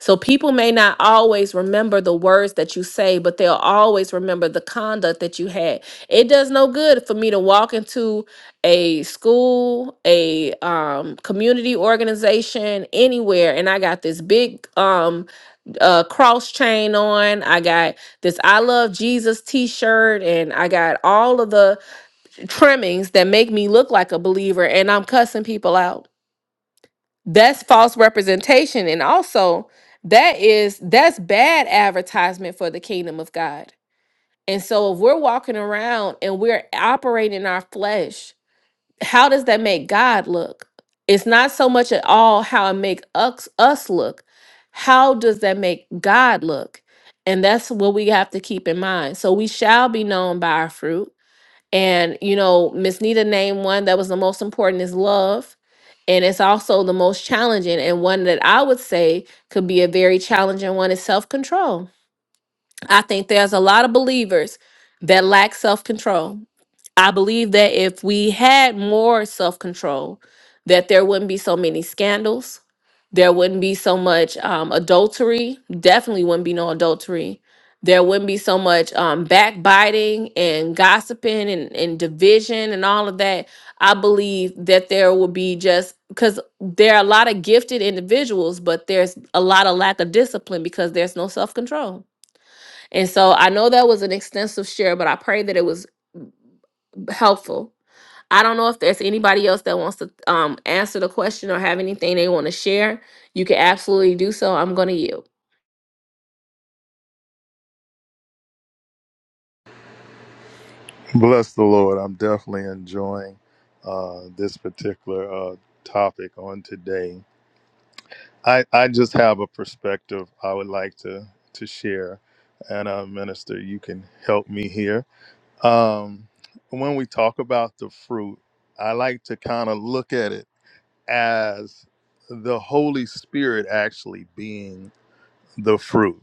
[SPEAKER 1] So people may not always remember the words that you say, but they'll always remember the conduct that you had. It does no good for me to walk into a school, a um, community organization, anywhere, and I got this big um, uh, cross chain on. I got this I love Jesus t-shirt and I got all of the trimmings that make me look like a believer and I'm cussing people out. That's false representation. And also, that is that's bad advertisement for the kingdom of God. And so if we're walking around and we're operating in our flesh, how does that make God look? It's not so much at all how it make us us look. How does that make God look? And that's what we have to keep in mind. So we shall be known by our fruit and, you know, Miss Nita named one that was the most important is love. And it's also the most challenging. And one that I would say could be a very challenging one is self control. I think there's a lot of believers that lack self control I believe that if we had more self control, that there wouldn't be so many scandals. There wouldn't be so much um, adultery. Definitely wouldn't be no adultery. There wouldn't be so much um, backbiting and gossiping and, and division and all of that. I believe that there would be just because there are a lot of gifted individuals, but there's a lot of lack of discipline because there's no self control and so I know that was an extensive share, but I pray that it was helpful. I don't know if there's anybody else that wants to um, answer the question or have anything they want to share. You can absolutely do so. I'm going to yield.
[SPEAKER 4] Bless the Lord. I'm definitely enjoying uh, this particular uh, topic on today. I, I just have a perspective I would like to, to share. And, uh, Minister, you can help me here. Um, when we talk about the fruit, I like to kind of look at it as the Holy Spirit actually being the fruit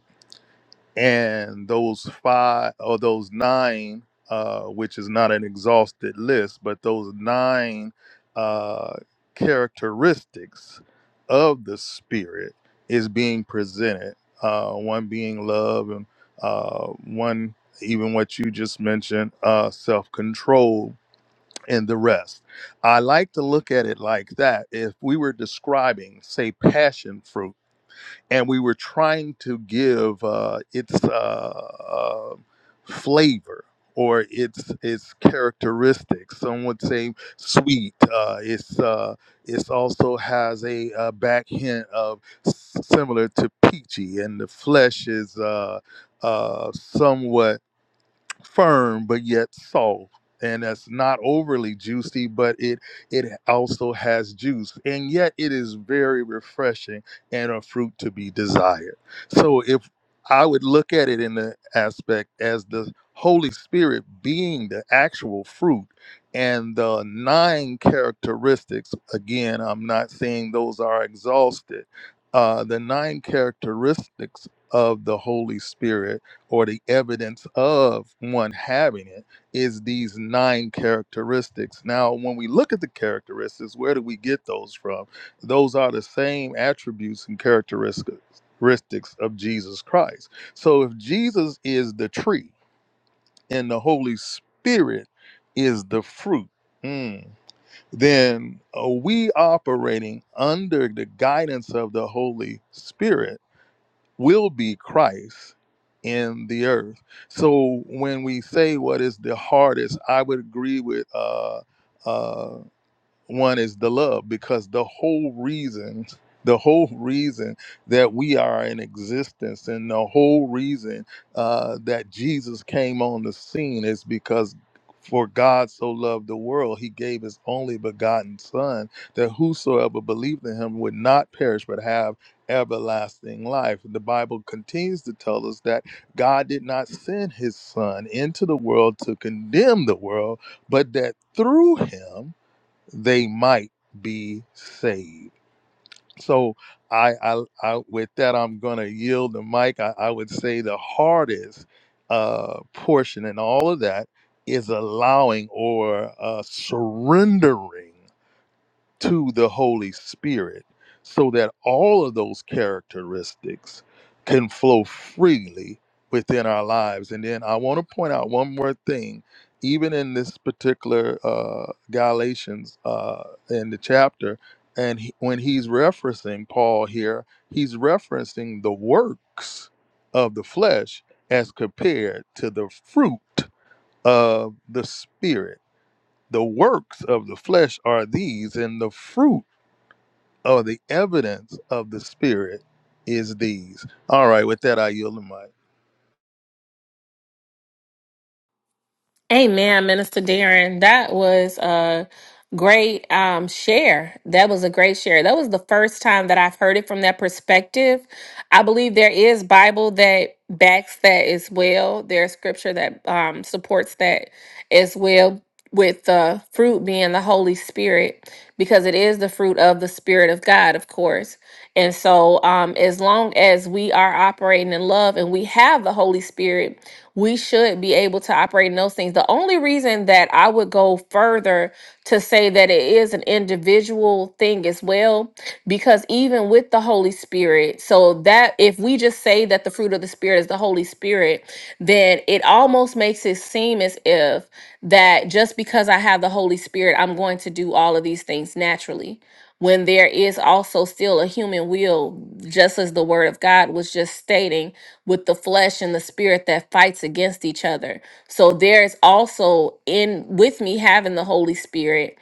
[SPEAKER 4] and those five or those nine, uh, which is not an exhausted list, but those nine uh, characteristics of the Spirit is being presented. Uh, one being love, and uh, one even what you just mentioned, uh, self-control, and the rest. I like to look at it like that. If we were describing, say, passion fruit and we were trying to give uh, its uh, uh, flavor or its its characteristics. Some would say sweet. Uh, it's uh, it's also has a, uh back hint of s- similar to peachy, and the flesh is uh, uh, somewhat firm but yet soft and that's not overly juicy but it it also has juice and yet it is very refreshing and a fruit to be desired so if i would look at it in the aspect as the holy spirit being the actual fruit and the nine characteristics again i'm not saying those are exhausted uh, the nine characteristics of the holy spirit or the evidence of one having it is these nine characteristics. Now, when we look at the characteristics, where do we get those from? Those are the same attributes and characteristics of Jesus Christ. So if Jesus is the tree and the Holy Spirit is the fruit, mm, then are we operating under the guidance of the Holy Spirit? will be Christ in the earth. So when we say what is the hardest, I would agree with uh, uh, one is the love, because the whole reason, the whole reason that we are in existence and the whole reason uh, that Jesus came on the scene is because for God so loved the world, he gave his only begotten Son, that whosoever believed in him would not perish but have everlasting life. The Bible continues to tell us that God did not send his Son into the world to condemn the world, but that through him, they might be saved. So I, I, I with that, I'm going to yield the mic. I, I would say the hardest uh, portion in all of that is allowing or uh, surrendering to the Holy Spirit so that all of those characteristics can flow freely within our lives. And then I want to point out one more thing. Even in this particular uh, Galatians uh, in the chapter, and he, when he's referencing Paul here, he's referencing the works of the flesh as compared to the fruit of the spirit. The works of the flesh are these, and the fruit or the evidence of the Spirit is these. All right, with that, I yield the mic.
[SPEAKER 1] Amen, Minister Darren. That was a great um, share. That was a great share. That was the first time that I've heard it from that perspective. I believe there is Bible that backs that as well. There's scripture that um, supports that as well, with the fruit being the Holy Spirit, because it is the fruit of the Spirit of God, of course. And so, um, as long as we are operating in love and we have the Holy Spirit, we should be able to operate in those things. The only reason that I would go further to say that it is an individual thing as well, because even with the Holy Spirit, so that if we just say that the fruit of the Spirit is the Holy Spirit, then it almost makes it seem as if that just because I have the Holy Spirit, I'm going to do all of these things naturally when there is also still a human will, just as the word of God was just stating, with the flesh and the spirit that fights against each other. So there is also in with me having the Holy Spirit.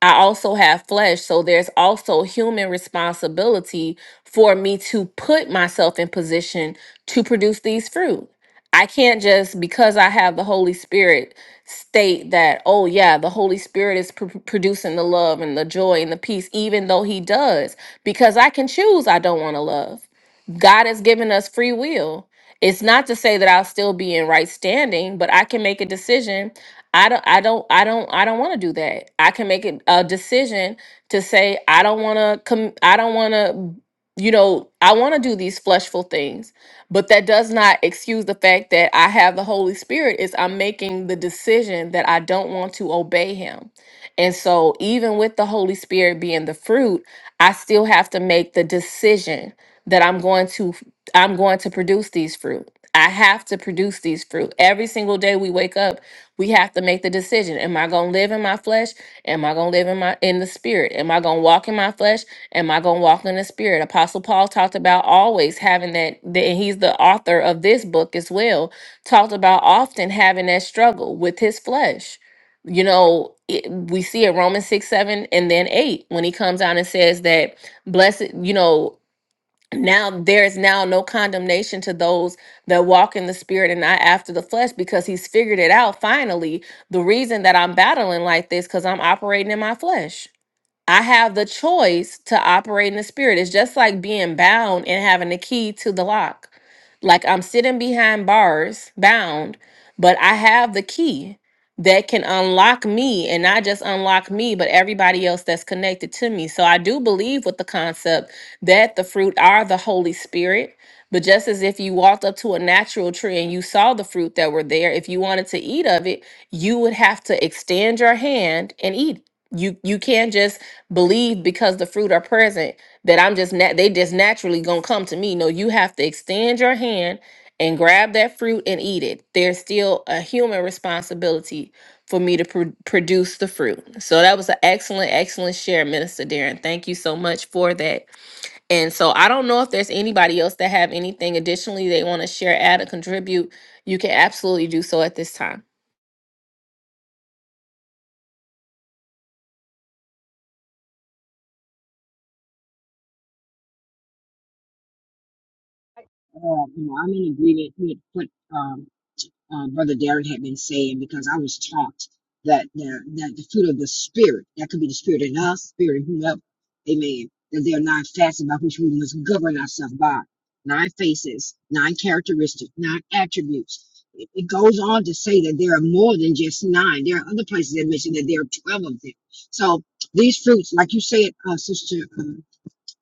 [SPEAKER 1] I also have flesh, so there's also human responsibility for me to put myself in position to produce these fruit. I can't just because I have the Holy Spirit state that, oh yeah, the Holy Spirit is pr- producing the love and the joy and the peace, even though He does, because I can choose I don't want to love. God has given us free will. It's not to say that I'll still be in right standing, but I can make a decision. I don't, I don't, I don't, I don't want to do that. I can make it- a decision to say I don't want to come. I don't want to, you know, I want to do these fleshful things but that does not excuse the fact that I have the Holy Spirit is I'm making the decision that I don't want to obey him. And so even with the Holy Spirit being the fruit, I still have to make the decision that I'm going to I'm going to produce these fruit. I have to produce these fruit. Every single day we wake up, we have to make the decision. Am I gonna live in my flesh? Am I gonna live in my in the spirit? Am I gonna walk in my flesh? Am I gonna walk in the spirit? Apostle Paul talked about always having that, that- and he's the author of this book as well, talked about often having that struggle with his flesh you know it, we see it romans 6 7 and then 8 when he comes out and says that blessed you know now there is now no condemnation to those that walk in the spirit and not after the flesh because he's figured it out finally the reason that i'm battling like this because i'm operating in my flesh I have the choice to operate in the spirit. It's just like being bound and having the key to the lock. Like I'm sitting behind bars, bound, but I have the key that can unlock me and not just unlock me, but everybody else that's connected to me. So I do believe with the concept that the fruit are the Holy Spirit. But just as if you walked up to a natural tree and you saw the fruit that were there, if you wanted to eat of it, you would have to extend your hand and eat. it you you can't just believe because the fruit are present that i'm just nat- they just naturally gonna come to me no you have to extend your hand and grab that fruit and eat it there's still a human responsibility for me to pro- produce the fruit so that was an excellent excellent share minister darren thank you so much for that and so i don't know if there's anybody else that have anything additionally they want to share add or contribute you can absolutely do so at this time
[SPEAKER 5] uh, you know, I'm in agreement with what um, uh, Brother Darren had been saying because I was taught that the, that the fruit of the spirit that could be the spirit in us, spirit in whoever, Amen. That there are nine facets by which we must govern ourselves by nine faces, nine characteristics, nine attributes. It, it goes on to say that there are more than just nine. There are other places that mention that there are twelve of them. So these fruits, like you said, uh, Sister uh,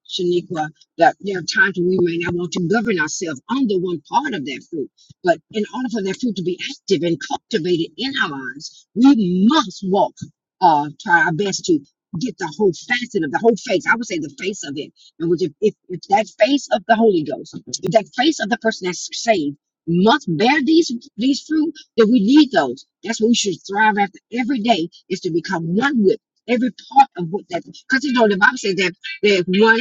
[SPEAKER 5] Shaniqua, that there are times when we may not want to govern ourselves under one part of that fruit. But in order for that fruit to be active and cultivated in our lives, we must walk, uh, try our best to get the whole facet of the whole face. I would say the face of it. And which if, if, if that face of the Holy Ghost, if that face of the person that's saved must bear these these fruit, then we need those. That's what we should thrive after every day is to become one with every part of what that because you know the Bible says that there's one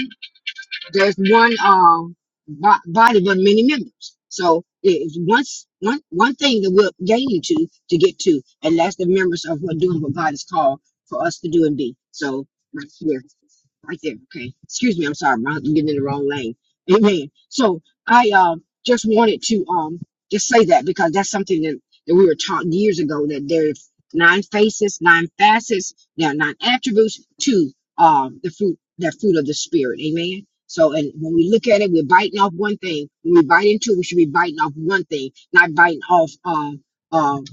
[SPEAKER 5] there's one um bo- body but many members. So it's once one one thing that we're gaining to to get to, and that's the members of what doing what God has called for us to do and be. So right here, right there. Okay, excuse me, I'm sorry, I'm getting in the wrong lane. Amen. So I um just wanted to um just say that because that's something that, that we were taught years ago that there's nine faces, nine facets, there are nine attributes to um the fruit that fruit of the spirit. Amen. So, and when we look at it, we're biting off one thing. When we bite into it, we should be biting off one thing, not biting off um, um,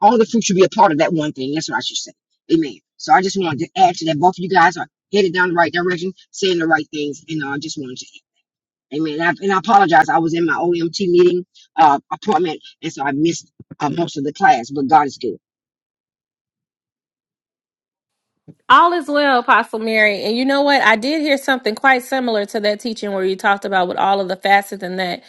[SPEAKER 5] all the fruit should be a part of that one thing. That's what I should say. Amen. So I just wanted to add to that. Both of you guys are headed down the right direction, saying the right things, and uh, I just wanted to. Amen. And I, and I apologize. I was in my OMT meeting uh, appointment, and so I missed uh, most of the class. But God is good.
[SPEAKER 1] All is well, Apostle Mary. And you know what? I did hear something quite similar to that teaching where you talked about with all of the facets and that.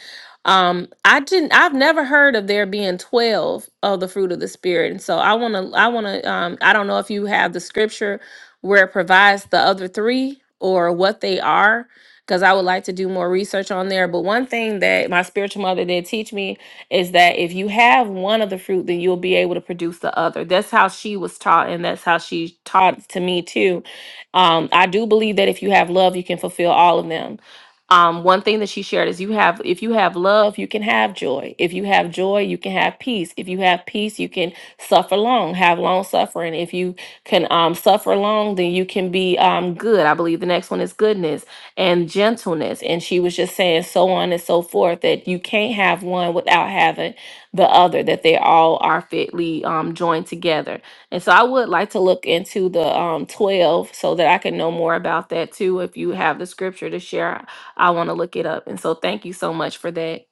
[SPEAKER 1] Um, I didn't. I've never heard of there being twelve of the fruit of the spirit, and so I want to. I want to. Um, I don't know if you have the scripture where it provides the other three or what they are, because I would like to do more research on there. But one thing that my spiritual mother did teach me is that if you have one of the fruit, then you'll be able to produce the other. That's how she was taught, and that's how she taught to me too. Um, I do believe that if you have love, you can fulfill all of them. Um, one thing that she shared is you have if you have love, you can have joy. If you have joy, you can have peace. If you have peace, you can suffer long, have long suffering. If you can um, suffer long, then you can be um, good. I believe the next one is goodness and gentleness. And she was just saying so on and so forth that you can't have one without having the other, that they all are fitly um, joined together. And so I would like to look into the um, 12 so that I can know more about that too. If you have the scripture to share, I want to look it up. And so thank you so much for that.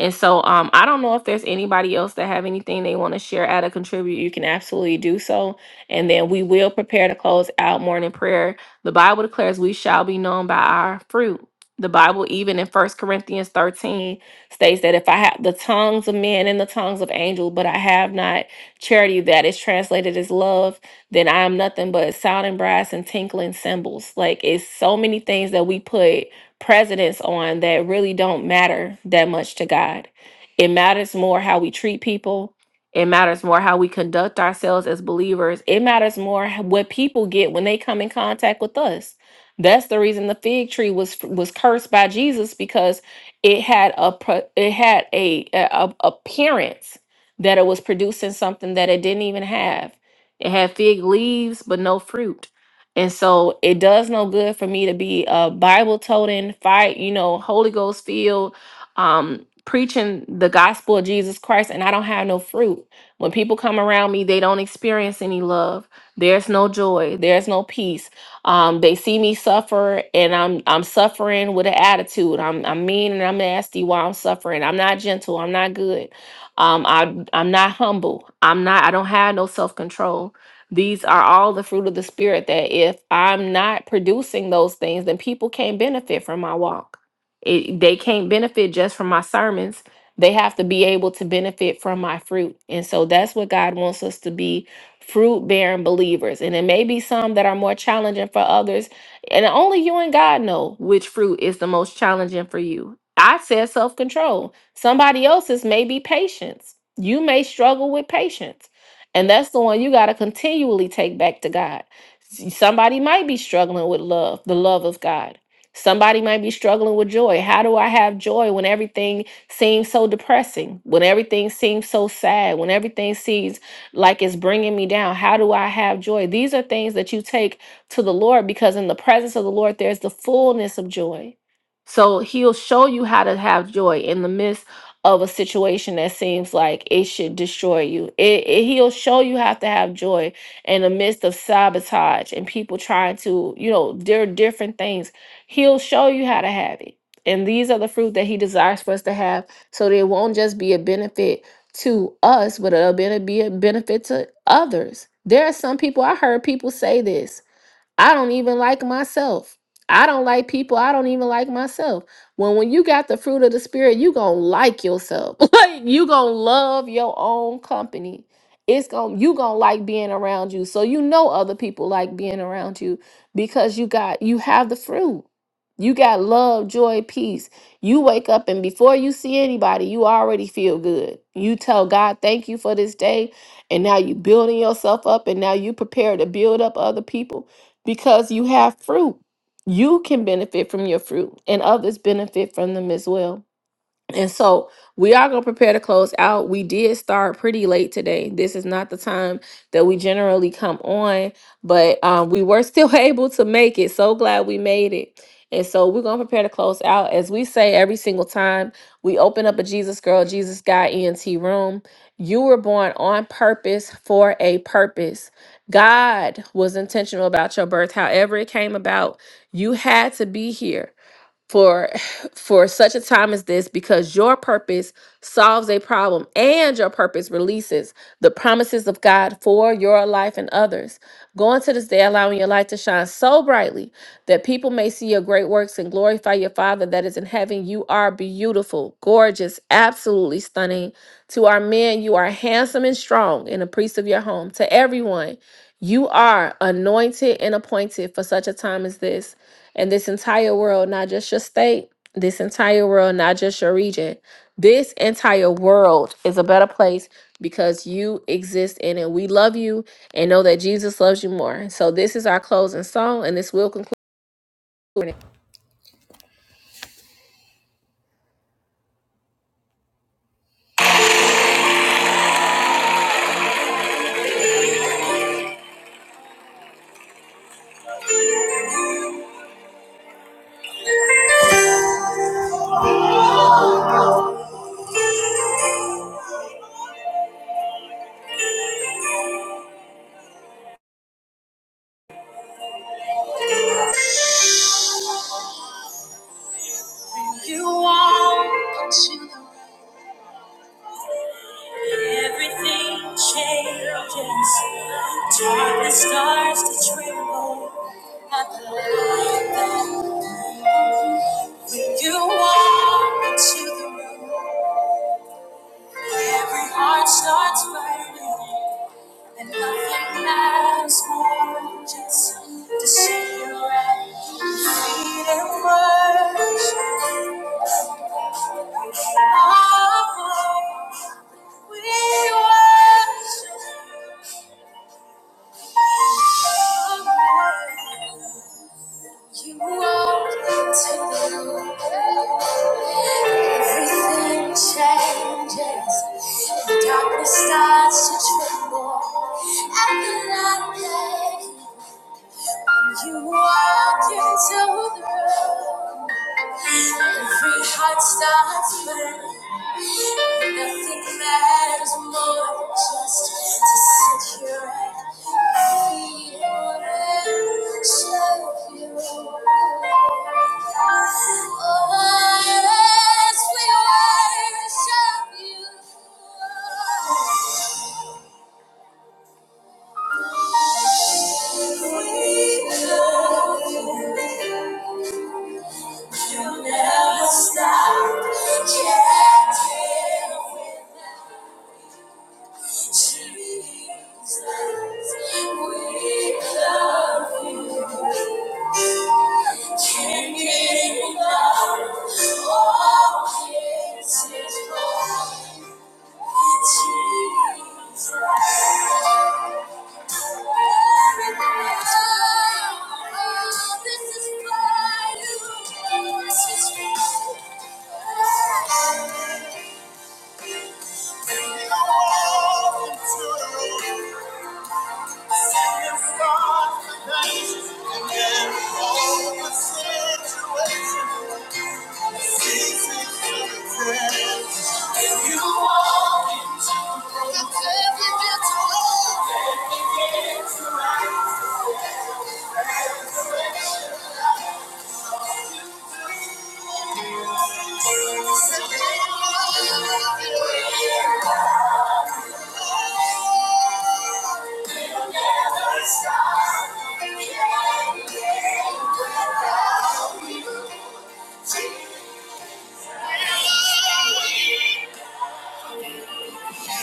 [SPEAKER 1] And so um, I don't know if there's anybody else that have anything they want to share, add or contribute. You can absolutely do so. And then we will prepare to close out morning prayer the Bible declares we shall be known by our fruit. The Bible, even in First Corinthians 13, states that if I have the tongues of men and the tongues of angels, but I have not charity, that is translated as love, then I am nothing but sounding brass and tinkling cymbals. Like it's so many things that we put precedence on that really don't matter that much to God. It matters more how we treat people, it matters more how we conduct ourselves as believers. It matters more h- what people get when they come in contact with us. That's the reason the fig tree was was cursed by Jesus because it had a pro- it had a, a a- appearance that it was producing something that it didn't even have. It had fig leaves but no fruit. And so it does no good for me to be a Bible toting, fight, you know, Holy Ghost filled, um, preaching the gospel of Jesus Christ and I don't have no fruit. When people come around me, they don't experience any love. There's no joy. There's no peace. Um, they see me suffer and I'm I'm suffering with an attitude. I'm I'm mean and I'm nasty while I'm suffering. I'm not gentle. I'm not good. Um, I I'm not humble. I'm not I don't have no self-control. These are all the fruit of the spirit that if I'm not producing those things, then people can't benefit from my walk. It, they can't benefit just from my sermons. They have to be able to benefit from my fruit. And so that's what God wants us to be fruit bearing believers. And it may be some that are more challenging for others. And only you and God know which fruit is the most challenging for you. I said self control. Somebody else's may be patience. You may struggle with patience. And that's the one you got to continually take back to God. S- Somebody might be struggling with love, the love of God. Somebody might be struggling with joy. How do I have joy when everything seems so depressing? When everything seems so sad? When everything seems like it's bringing me down? How do I have joy? These are things that you take to the Lord because in the presence of the Lord, there's the fullness of joy. So he'll show you how to have joy in the midst of a situation that seems like it should destroy you. It, it- he'll show you how to have joy in the midst of sabotage and people trying to, you know, there are different things He'll show you how to have it. And these are the fruit that he desires for us to have. So that it won't just be a benefit to us, but it'll be be a benefit to others. There are some people, I heard people say this I don't even like myself. I don't like people. I don't even like myself. When when you got the fruit of the spirit, you gonna like yourself. like you gonna love your own company. It's gonna you gonna like being around you. So you know other people like being around you because you got you have the fruit. You got love, joy, peace. You wake up and before you see anybody, you already feel good. You tell God, thank you for this day. And now you building yourself up and now you prepare to build up other people because you have fruit. You can benefit from your fruit, and others benefit from them as well. And so we are going to prepare to close out. We did start pretty late today. This is not the time that we generally come on, but um, we were still able to make it. So glad we made it. And so we're going to prepare to close out. As we say every single time, we open up a Jesus Girl, Jesus Guy ENT room. You were born on purpose for a purpose. God was intentional about your birth. However, it came about, you had to be here for for such a time as this because your purpose solves a problem and your purpose releases the promises of God for your life and others. Go into this day allowing your light to shine so brightly that people may see your great works and glorify your Father that is in heaven. You are beautiful, gorgeous, absolutely stunning. To our men, you are handsome and strong and a priest of your home. To everyone, you are anointed and appointed for such a time as this and this entire world, not just your state, this entire world, not just your region. This entire world is a better place because you exist in it. We love you and know that Jesus loves you more. So this is our closing song, and this will conclude. You are everything changes. Darkness starts to tremble at the light. that When you walk into the room, every heart starts burning, and nothing lasts more just to see you at your feet and worship. Our Lord, we worship you. You walked into the room. Everything changes. The darkness starts to tremble at the light. that You walk into the room. Every heart starts burning. Nothing matters more than just to sit here at your feet and show you. Oh, as we worship you, we love you. You never stop. Can't live without. Thank you. When you walk into a room, see him start to change, and every hopeless situation sees him begin to change. When you walk into a difficult situation, he changes. Thank you you.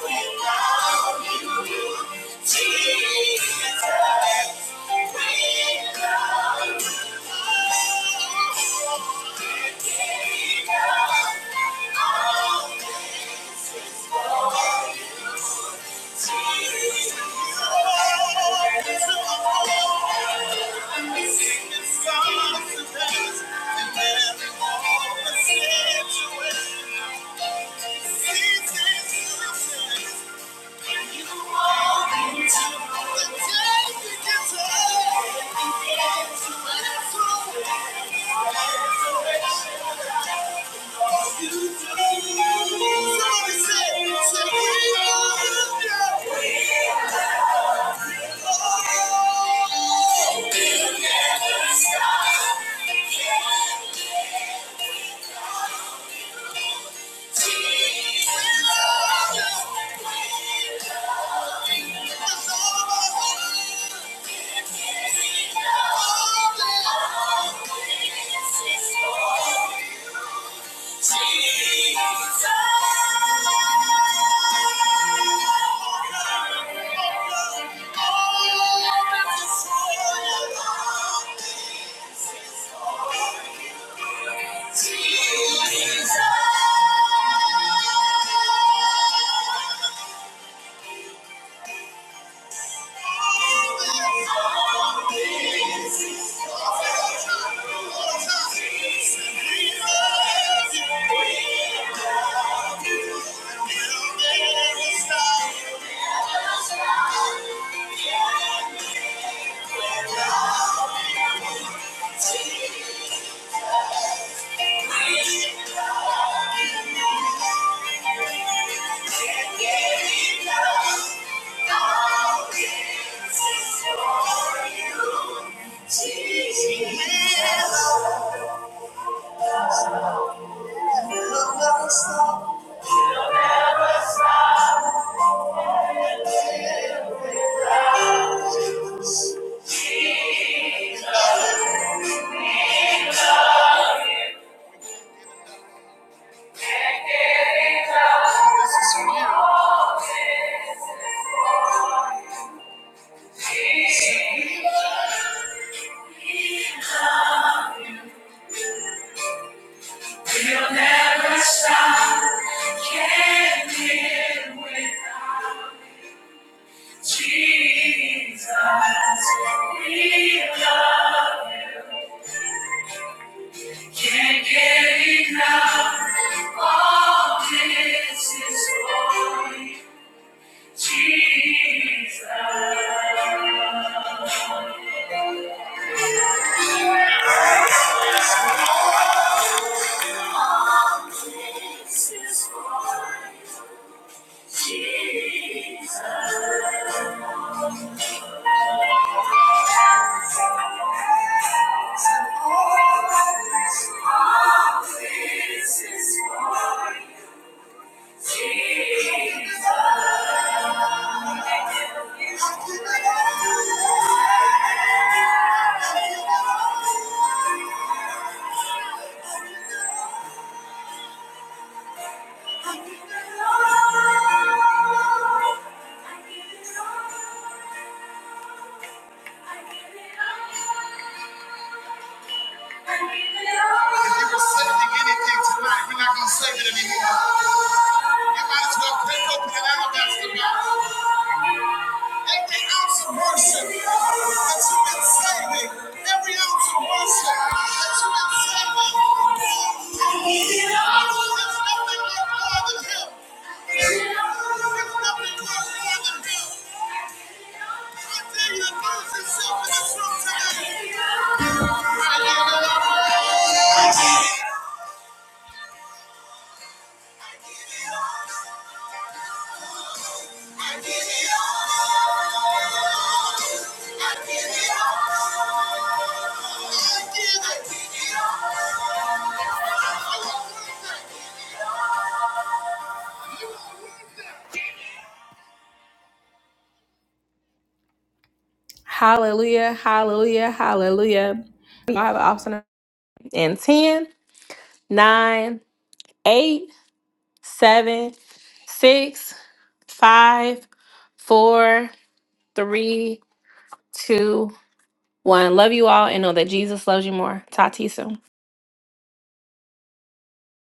[SPEAKER 1] without you, Jesus, Thank you. Stop. Thank you. Jesus. Thank you. Jesus. Jesus, we love you. Can't get enough. All this is for you, Jesus. This is for Jesus. Thank you. can save me. There's nothing more than Him. Hallelujah, hallelujah, hallelujah. I have an awesome in ten, nine, 8, seven, six, five, four, three, two, one. Love you all and know that Jesus loves you more. Talk to you soon.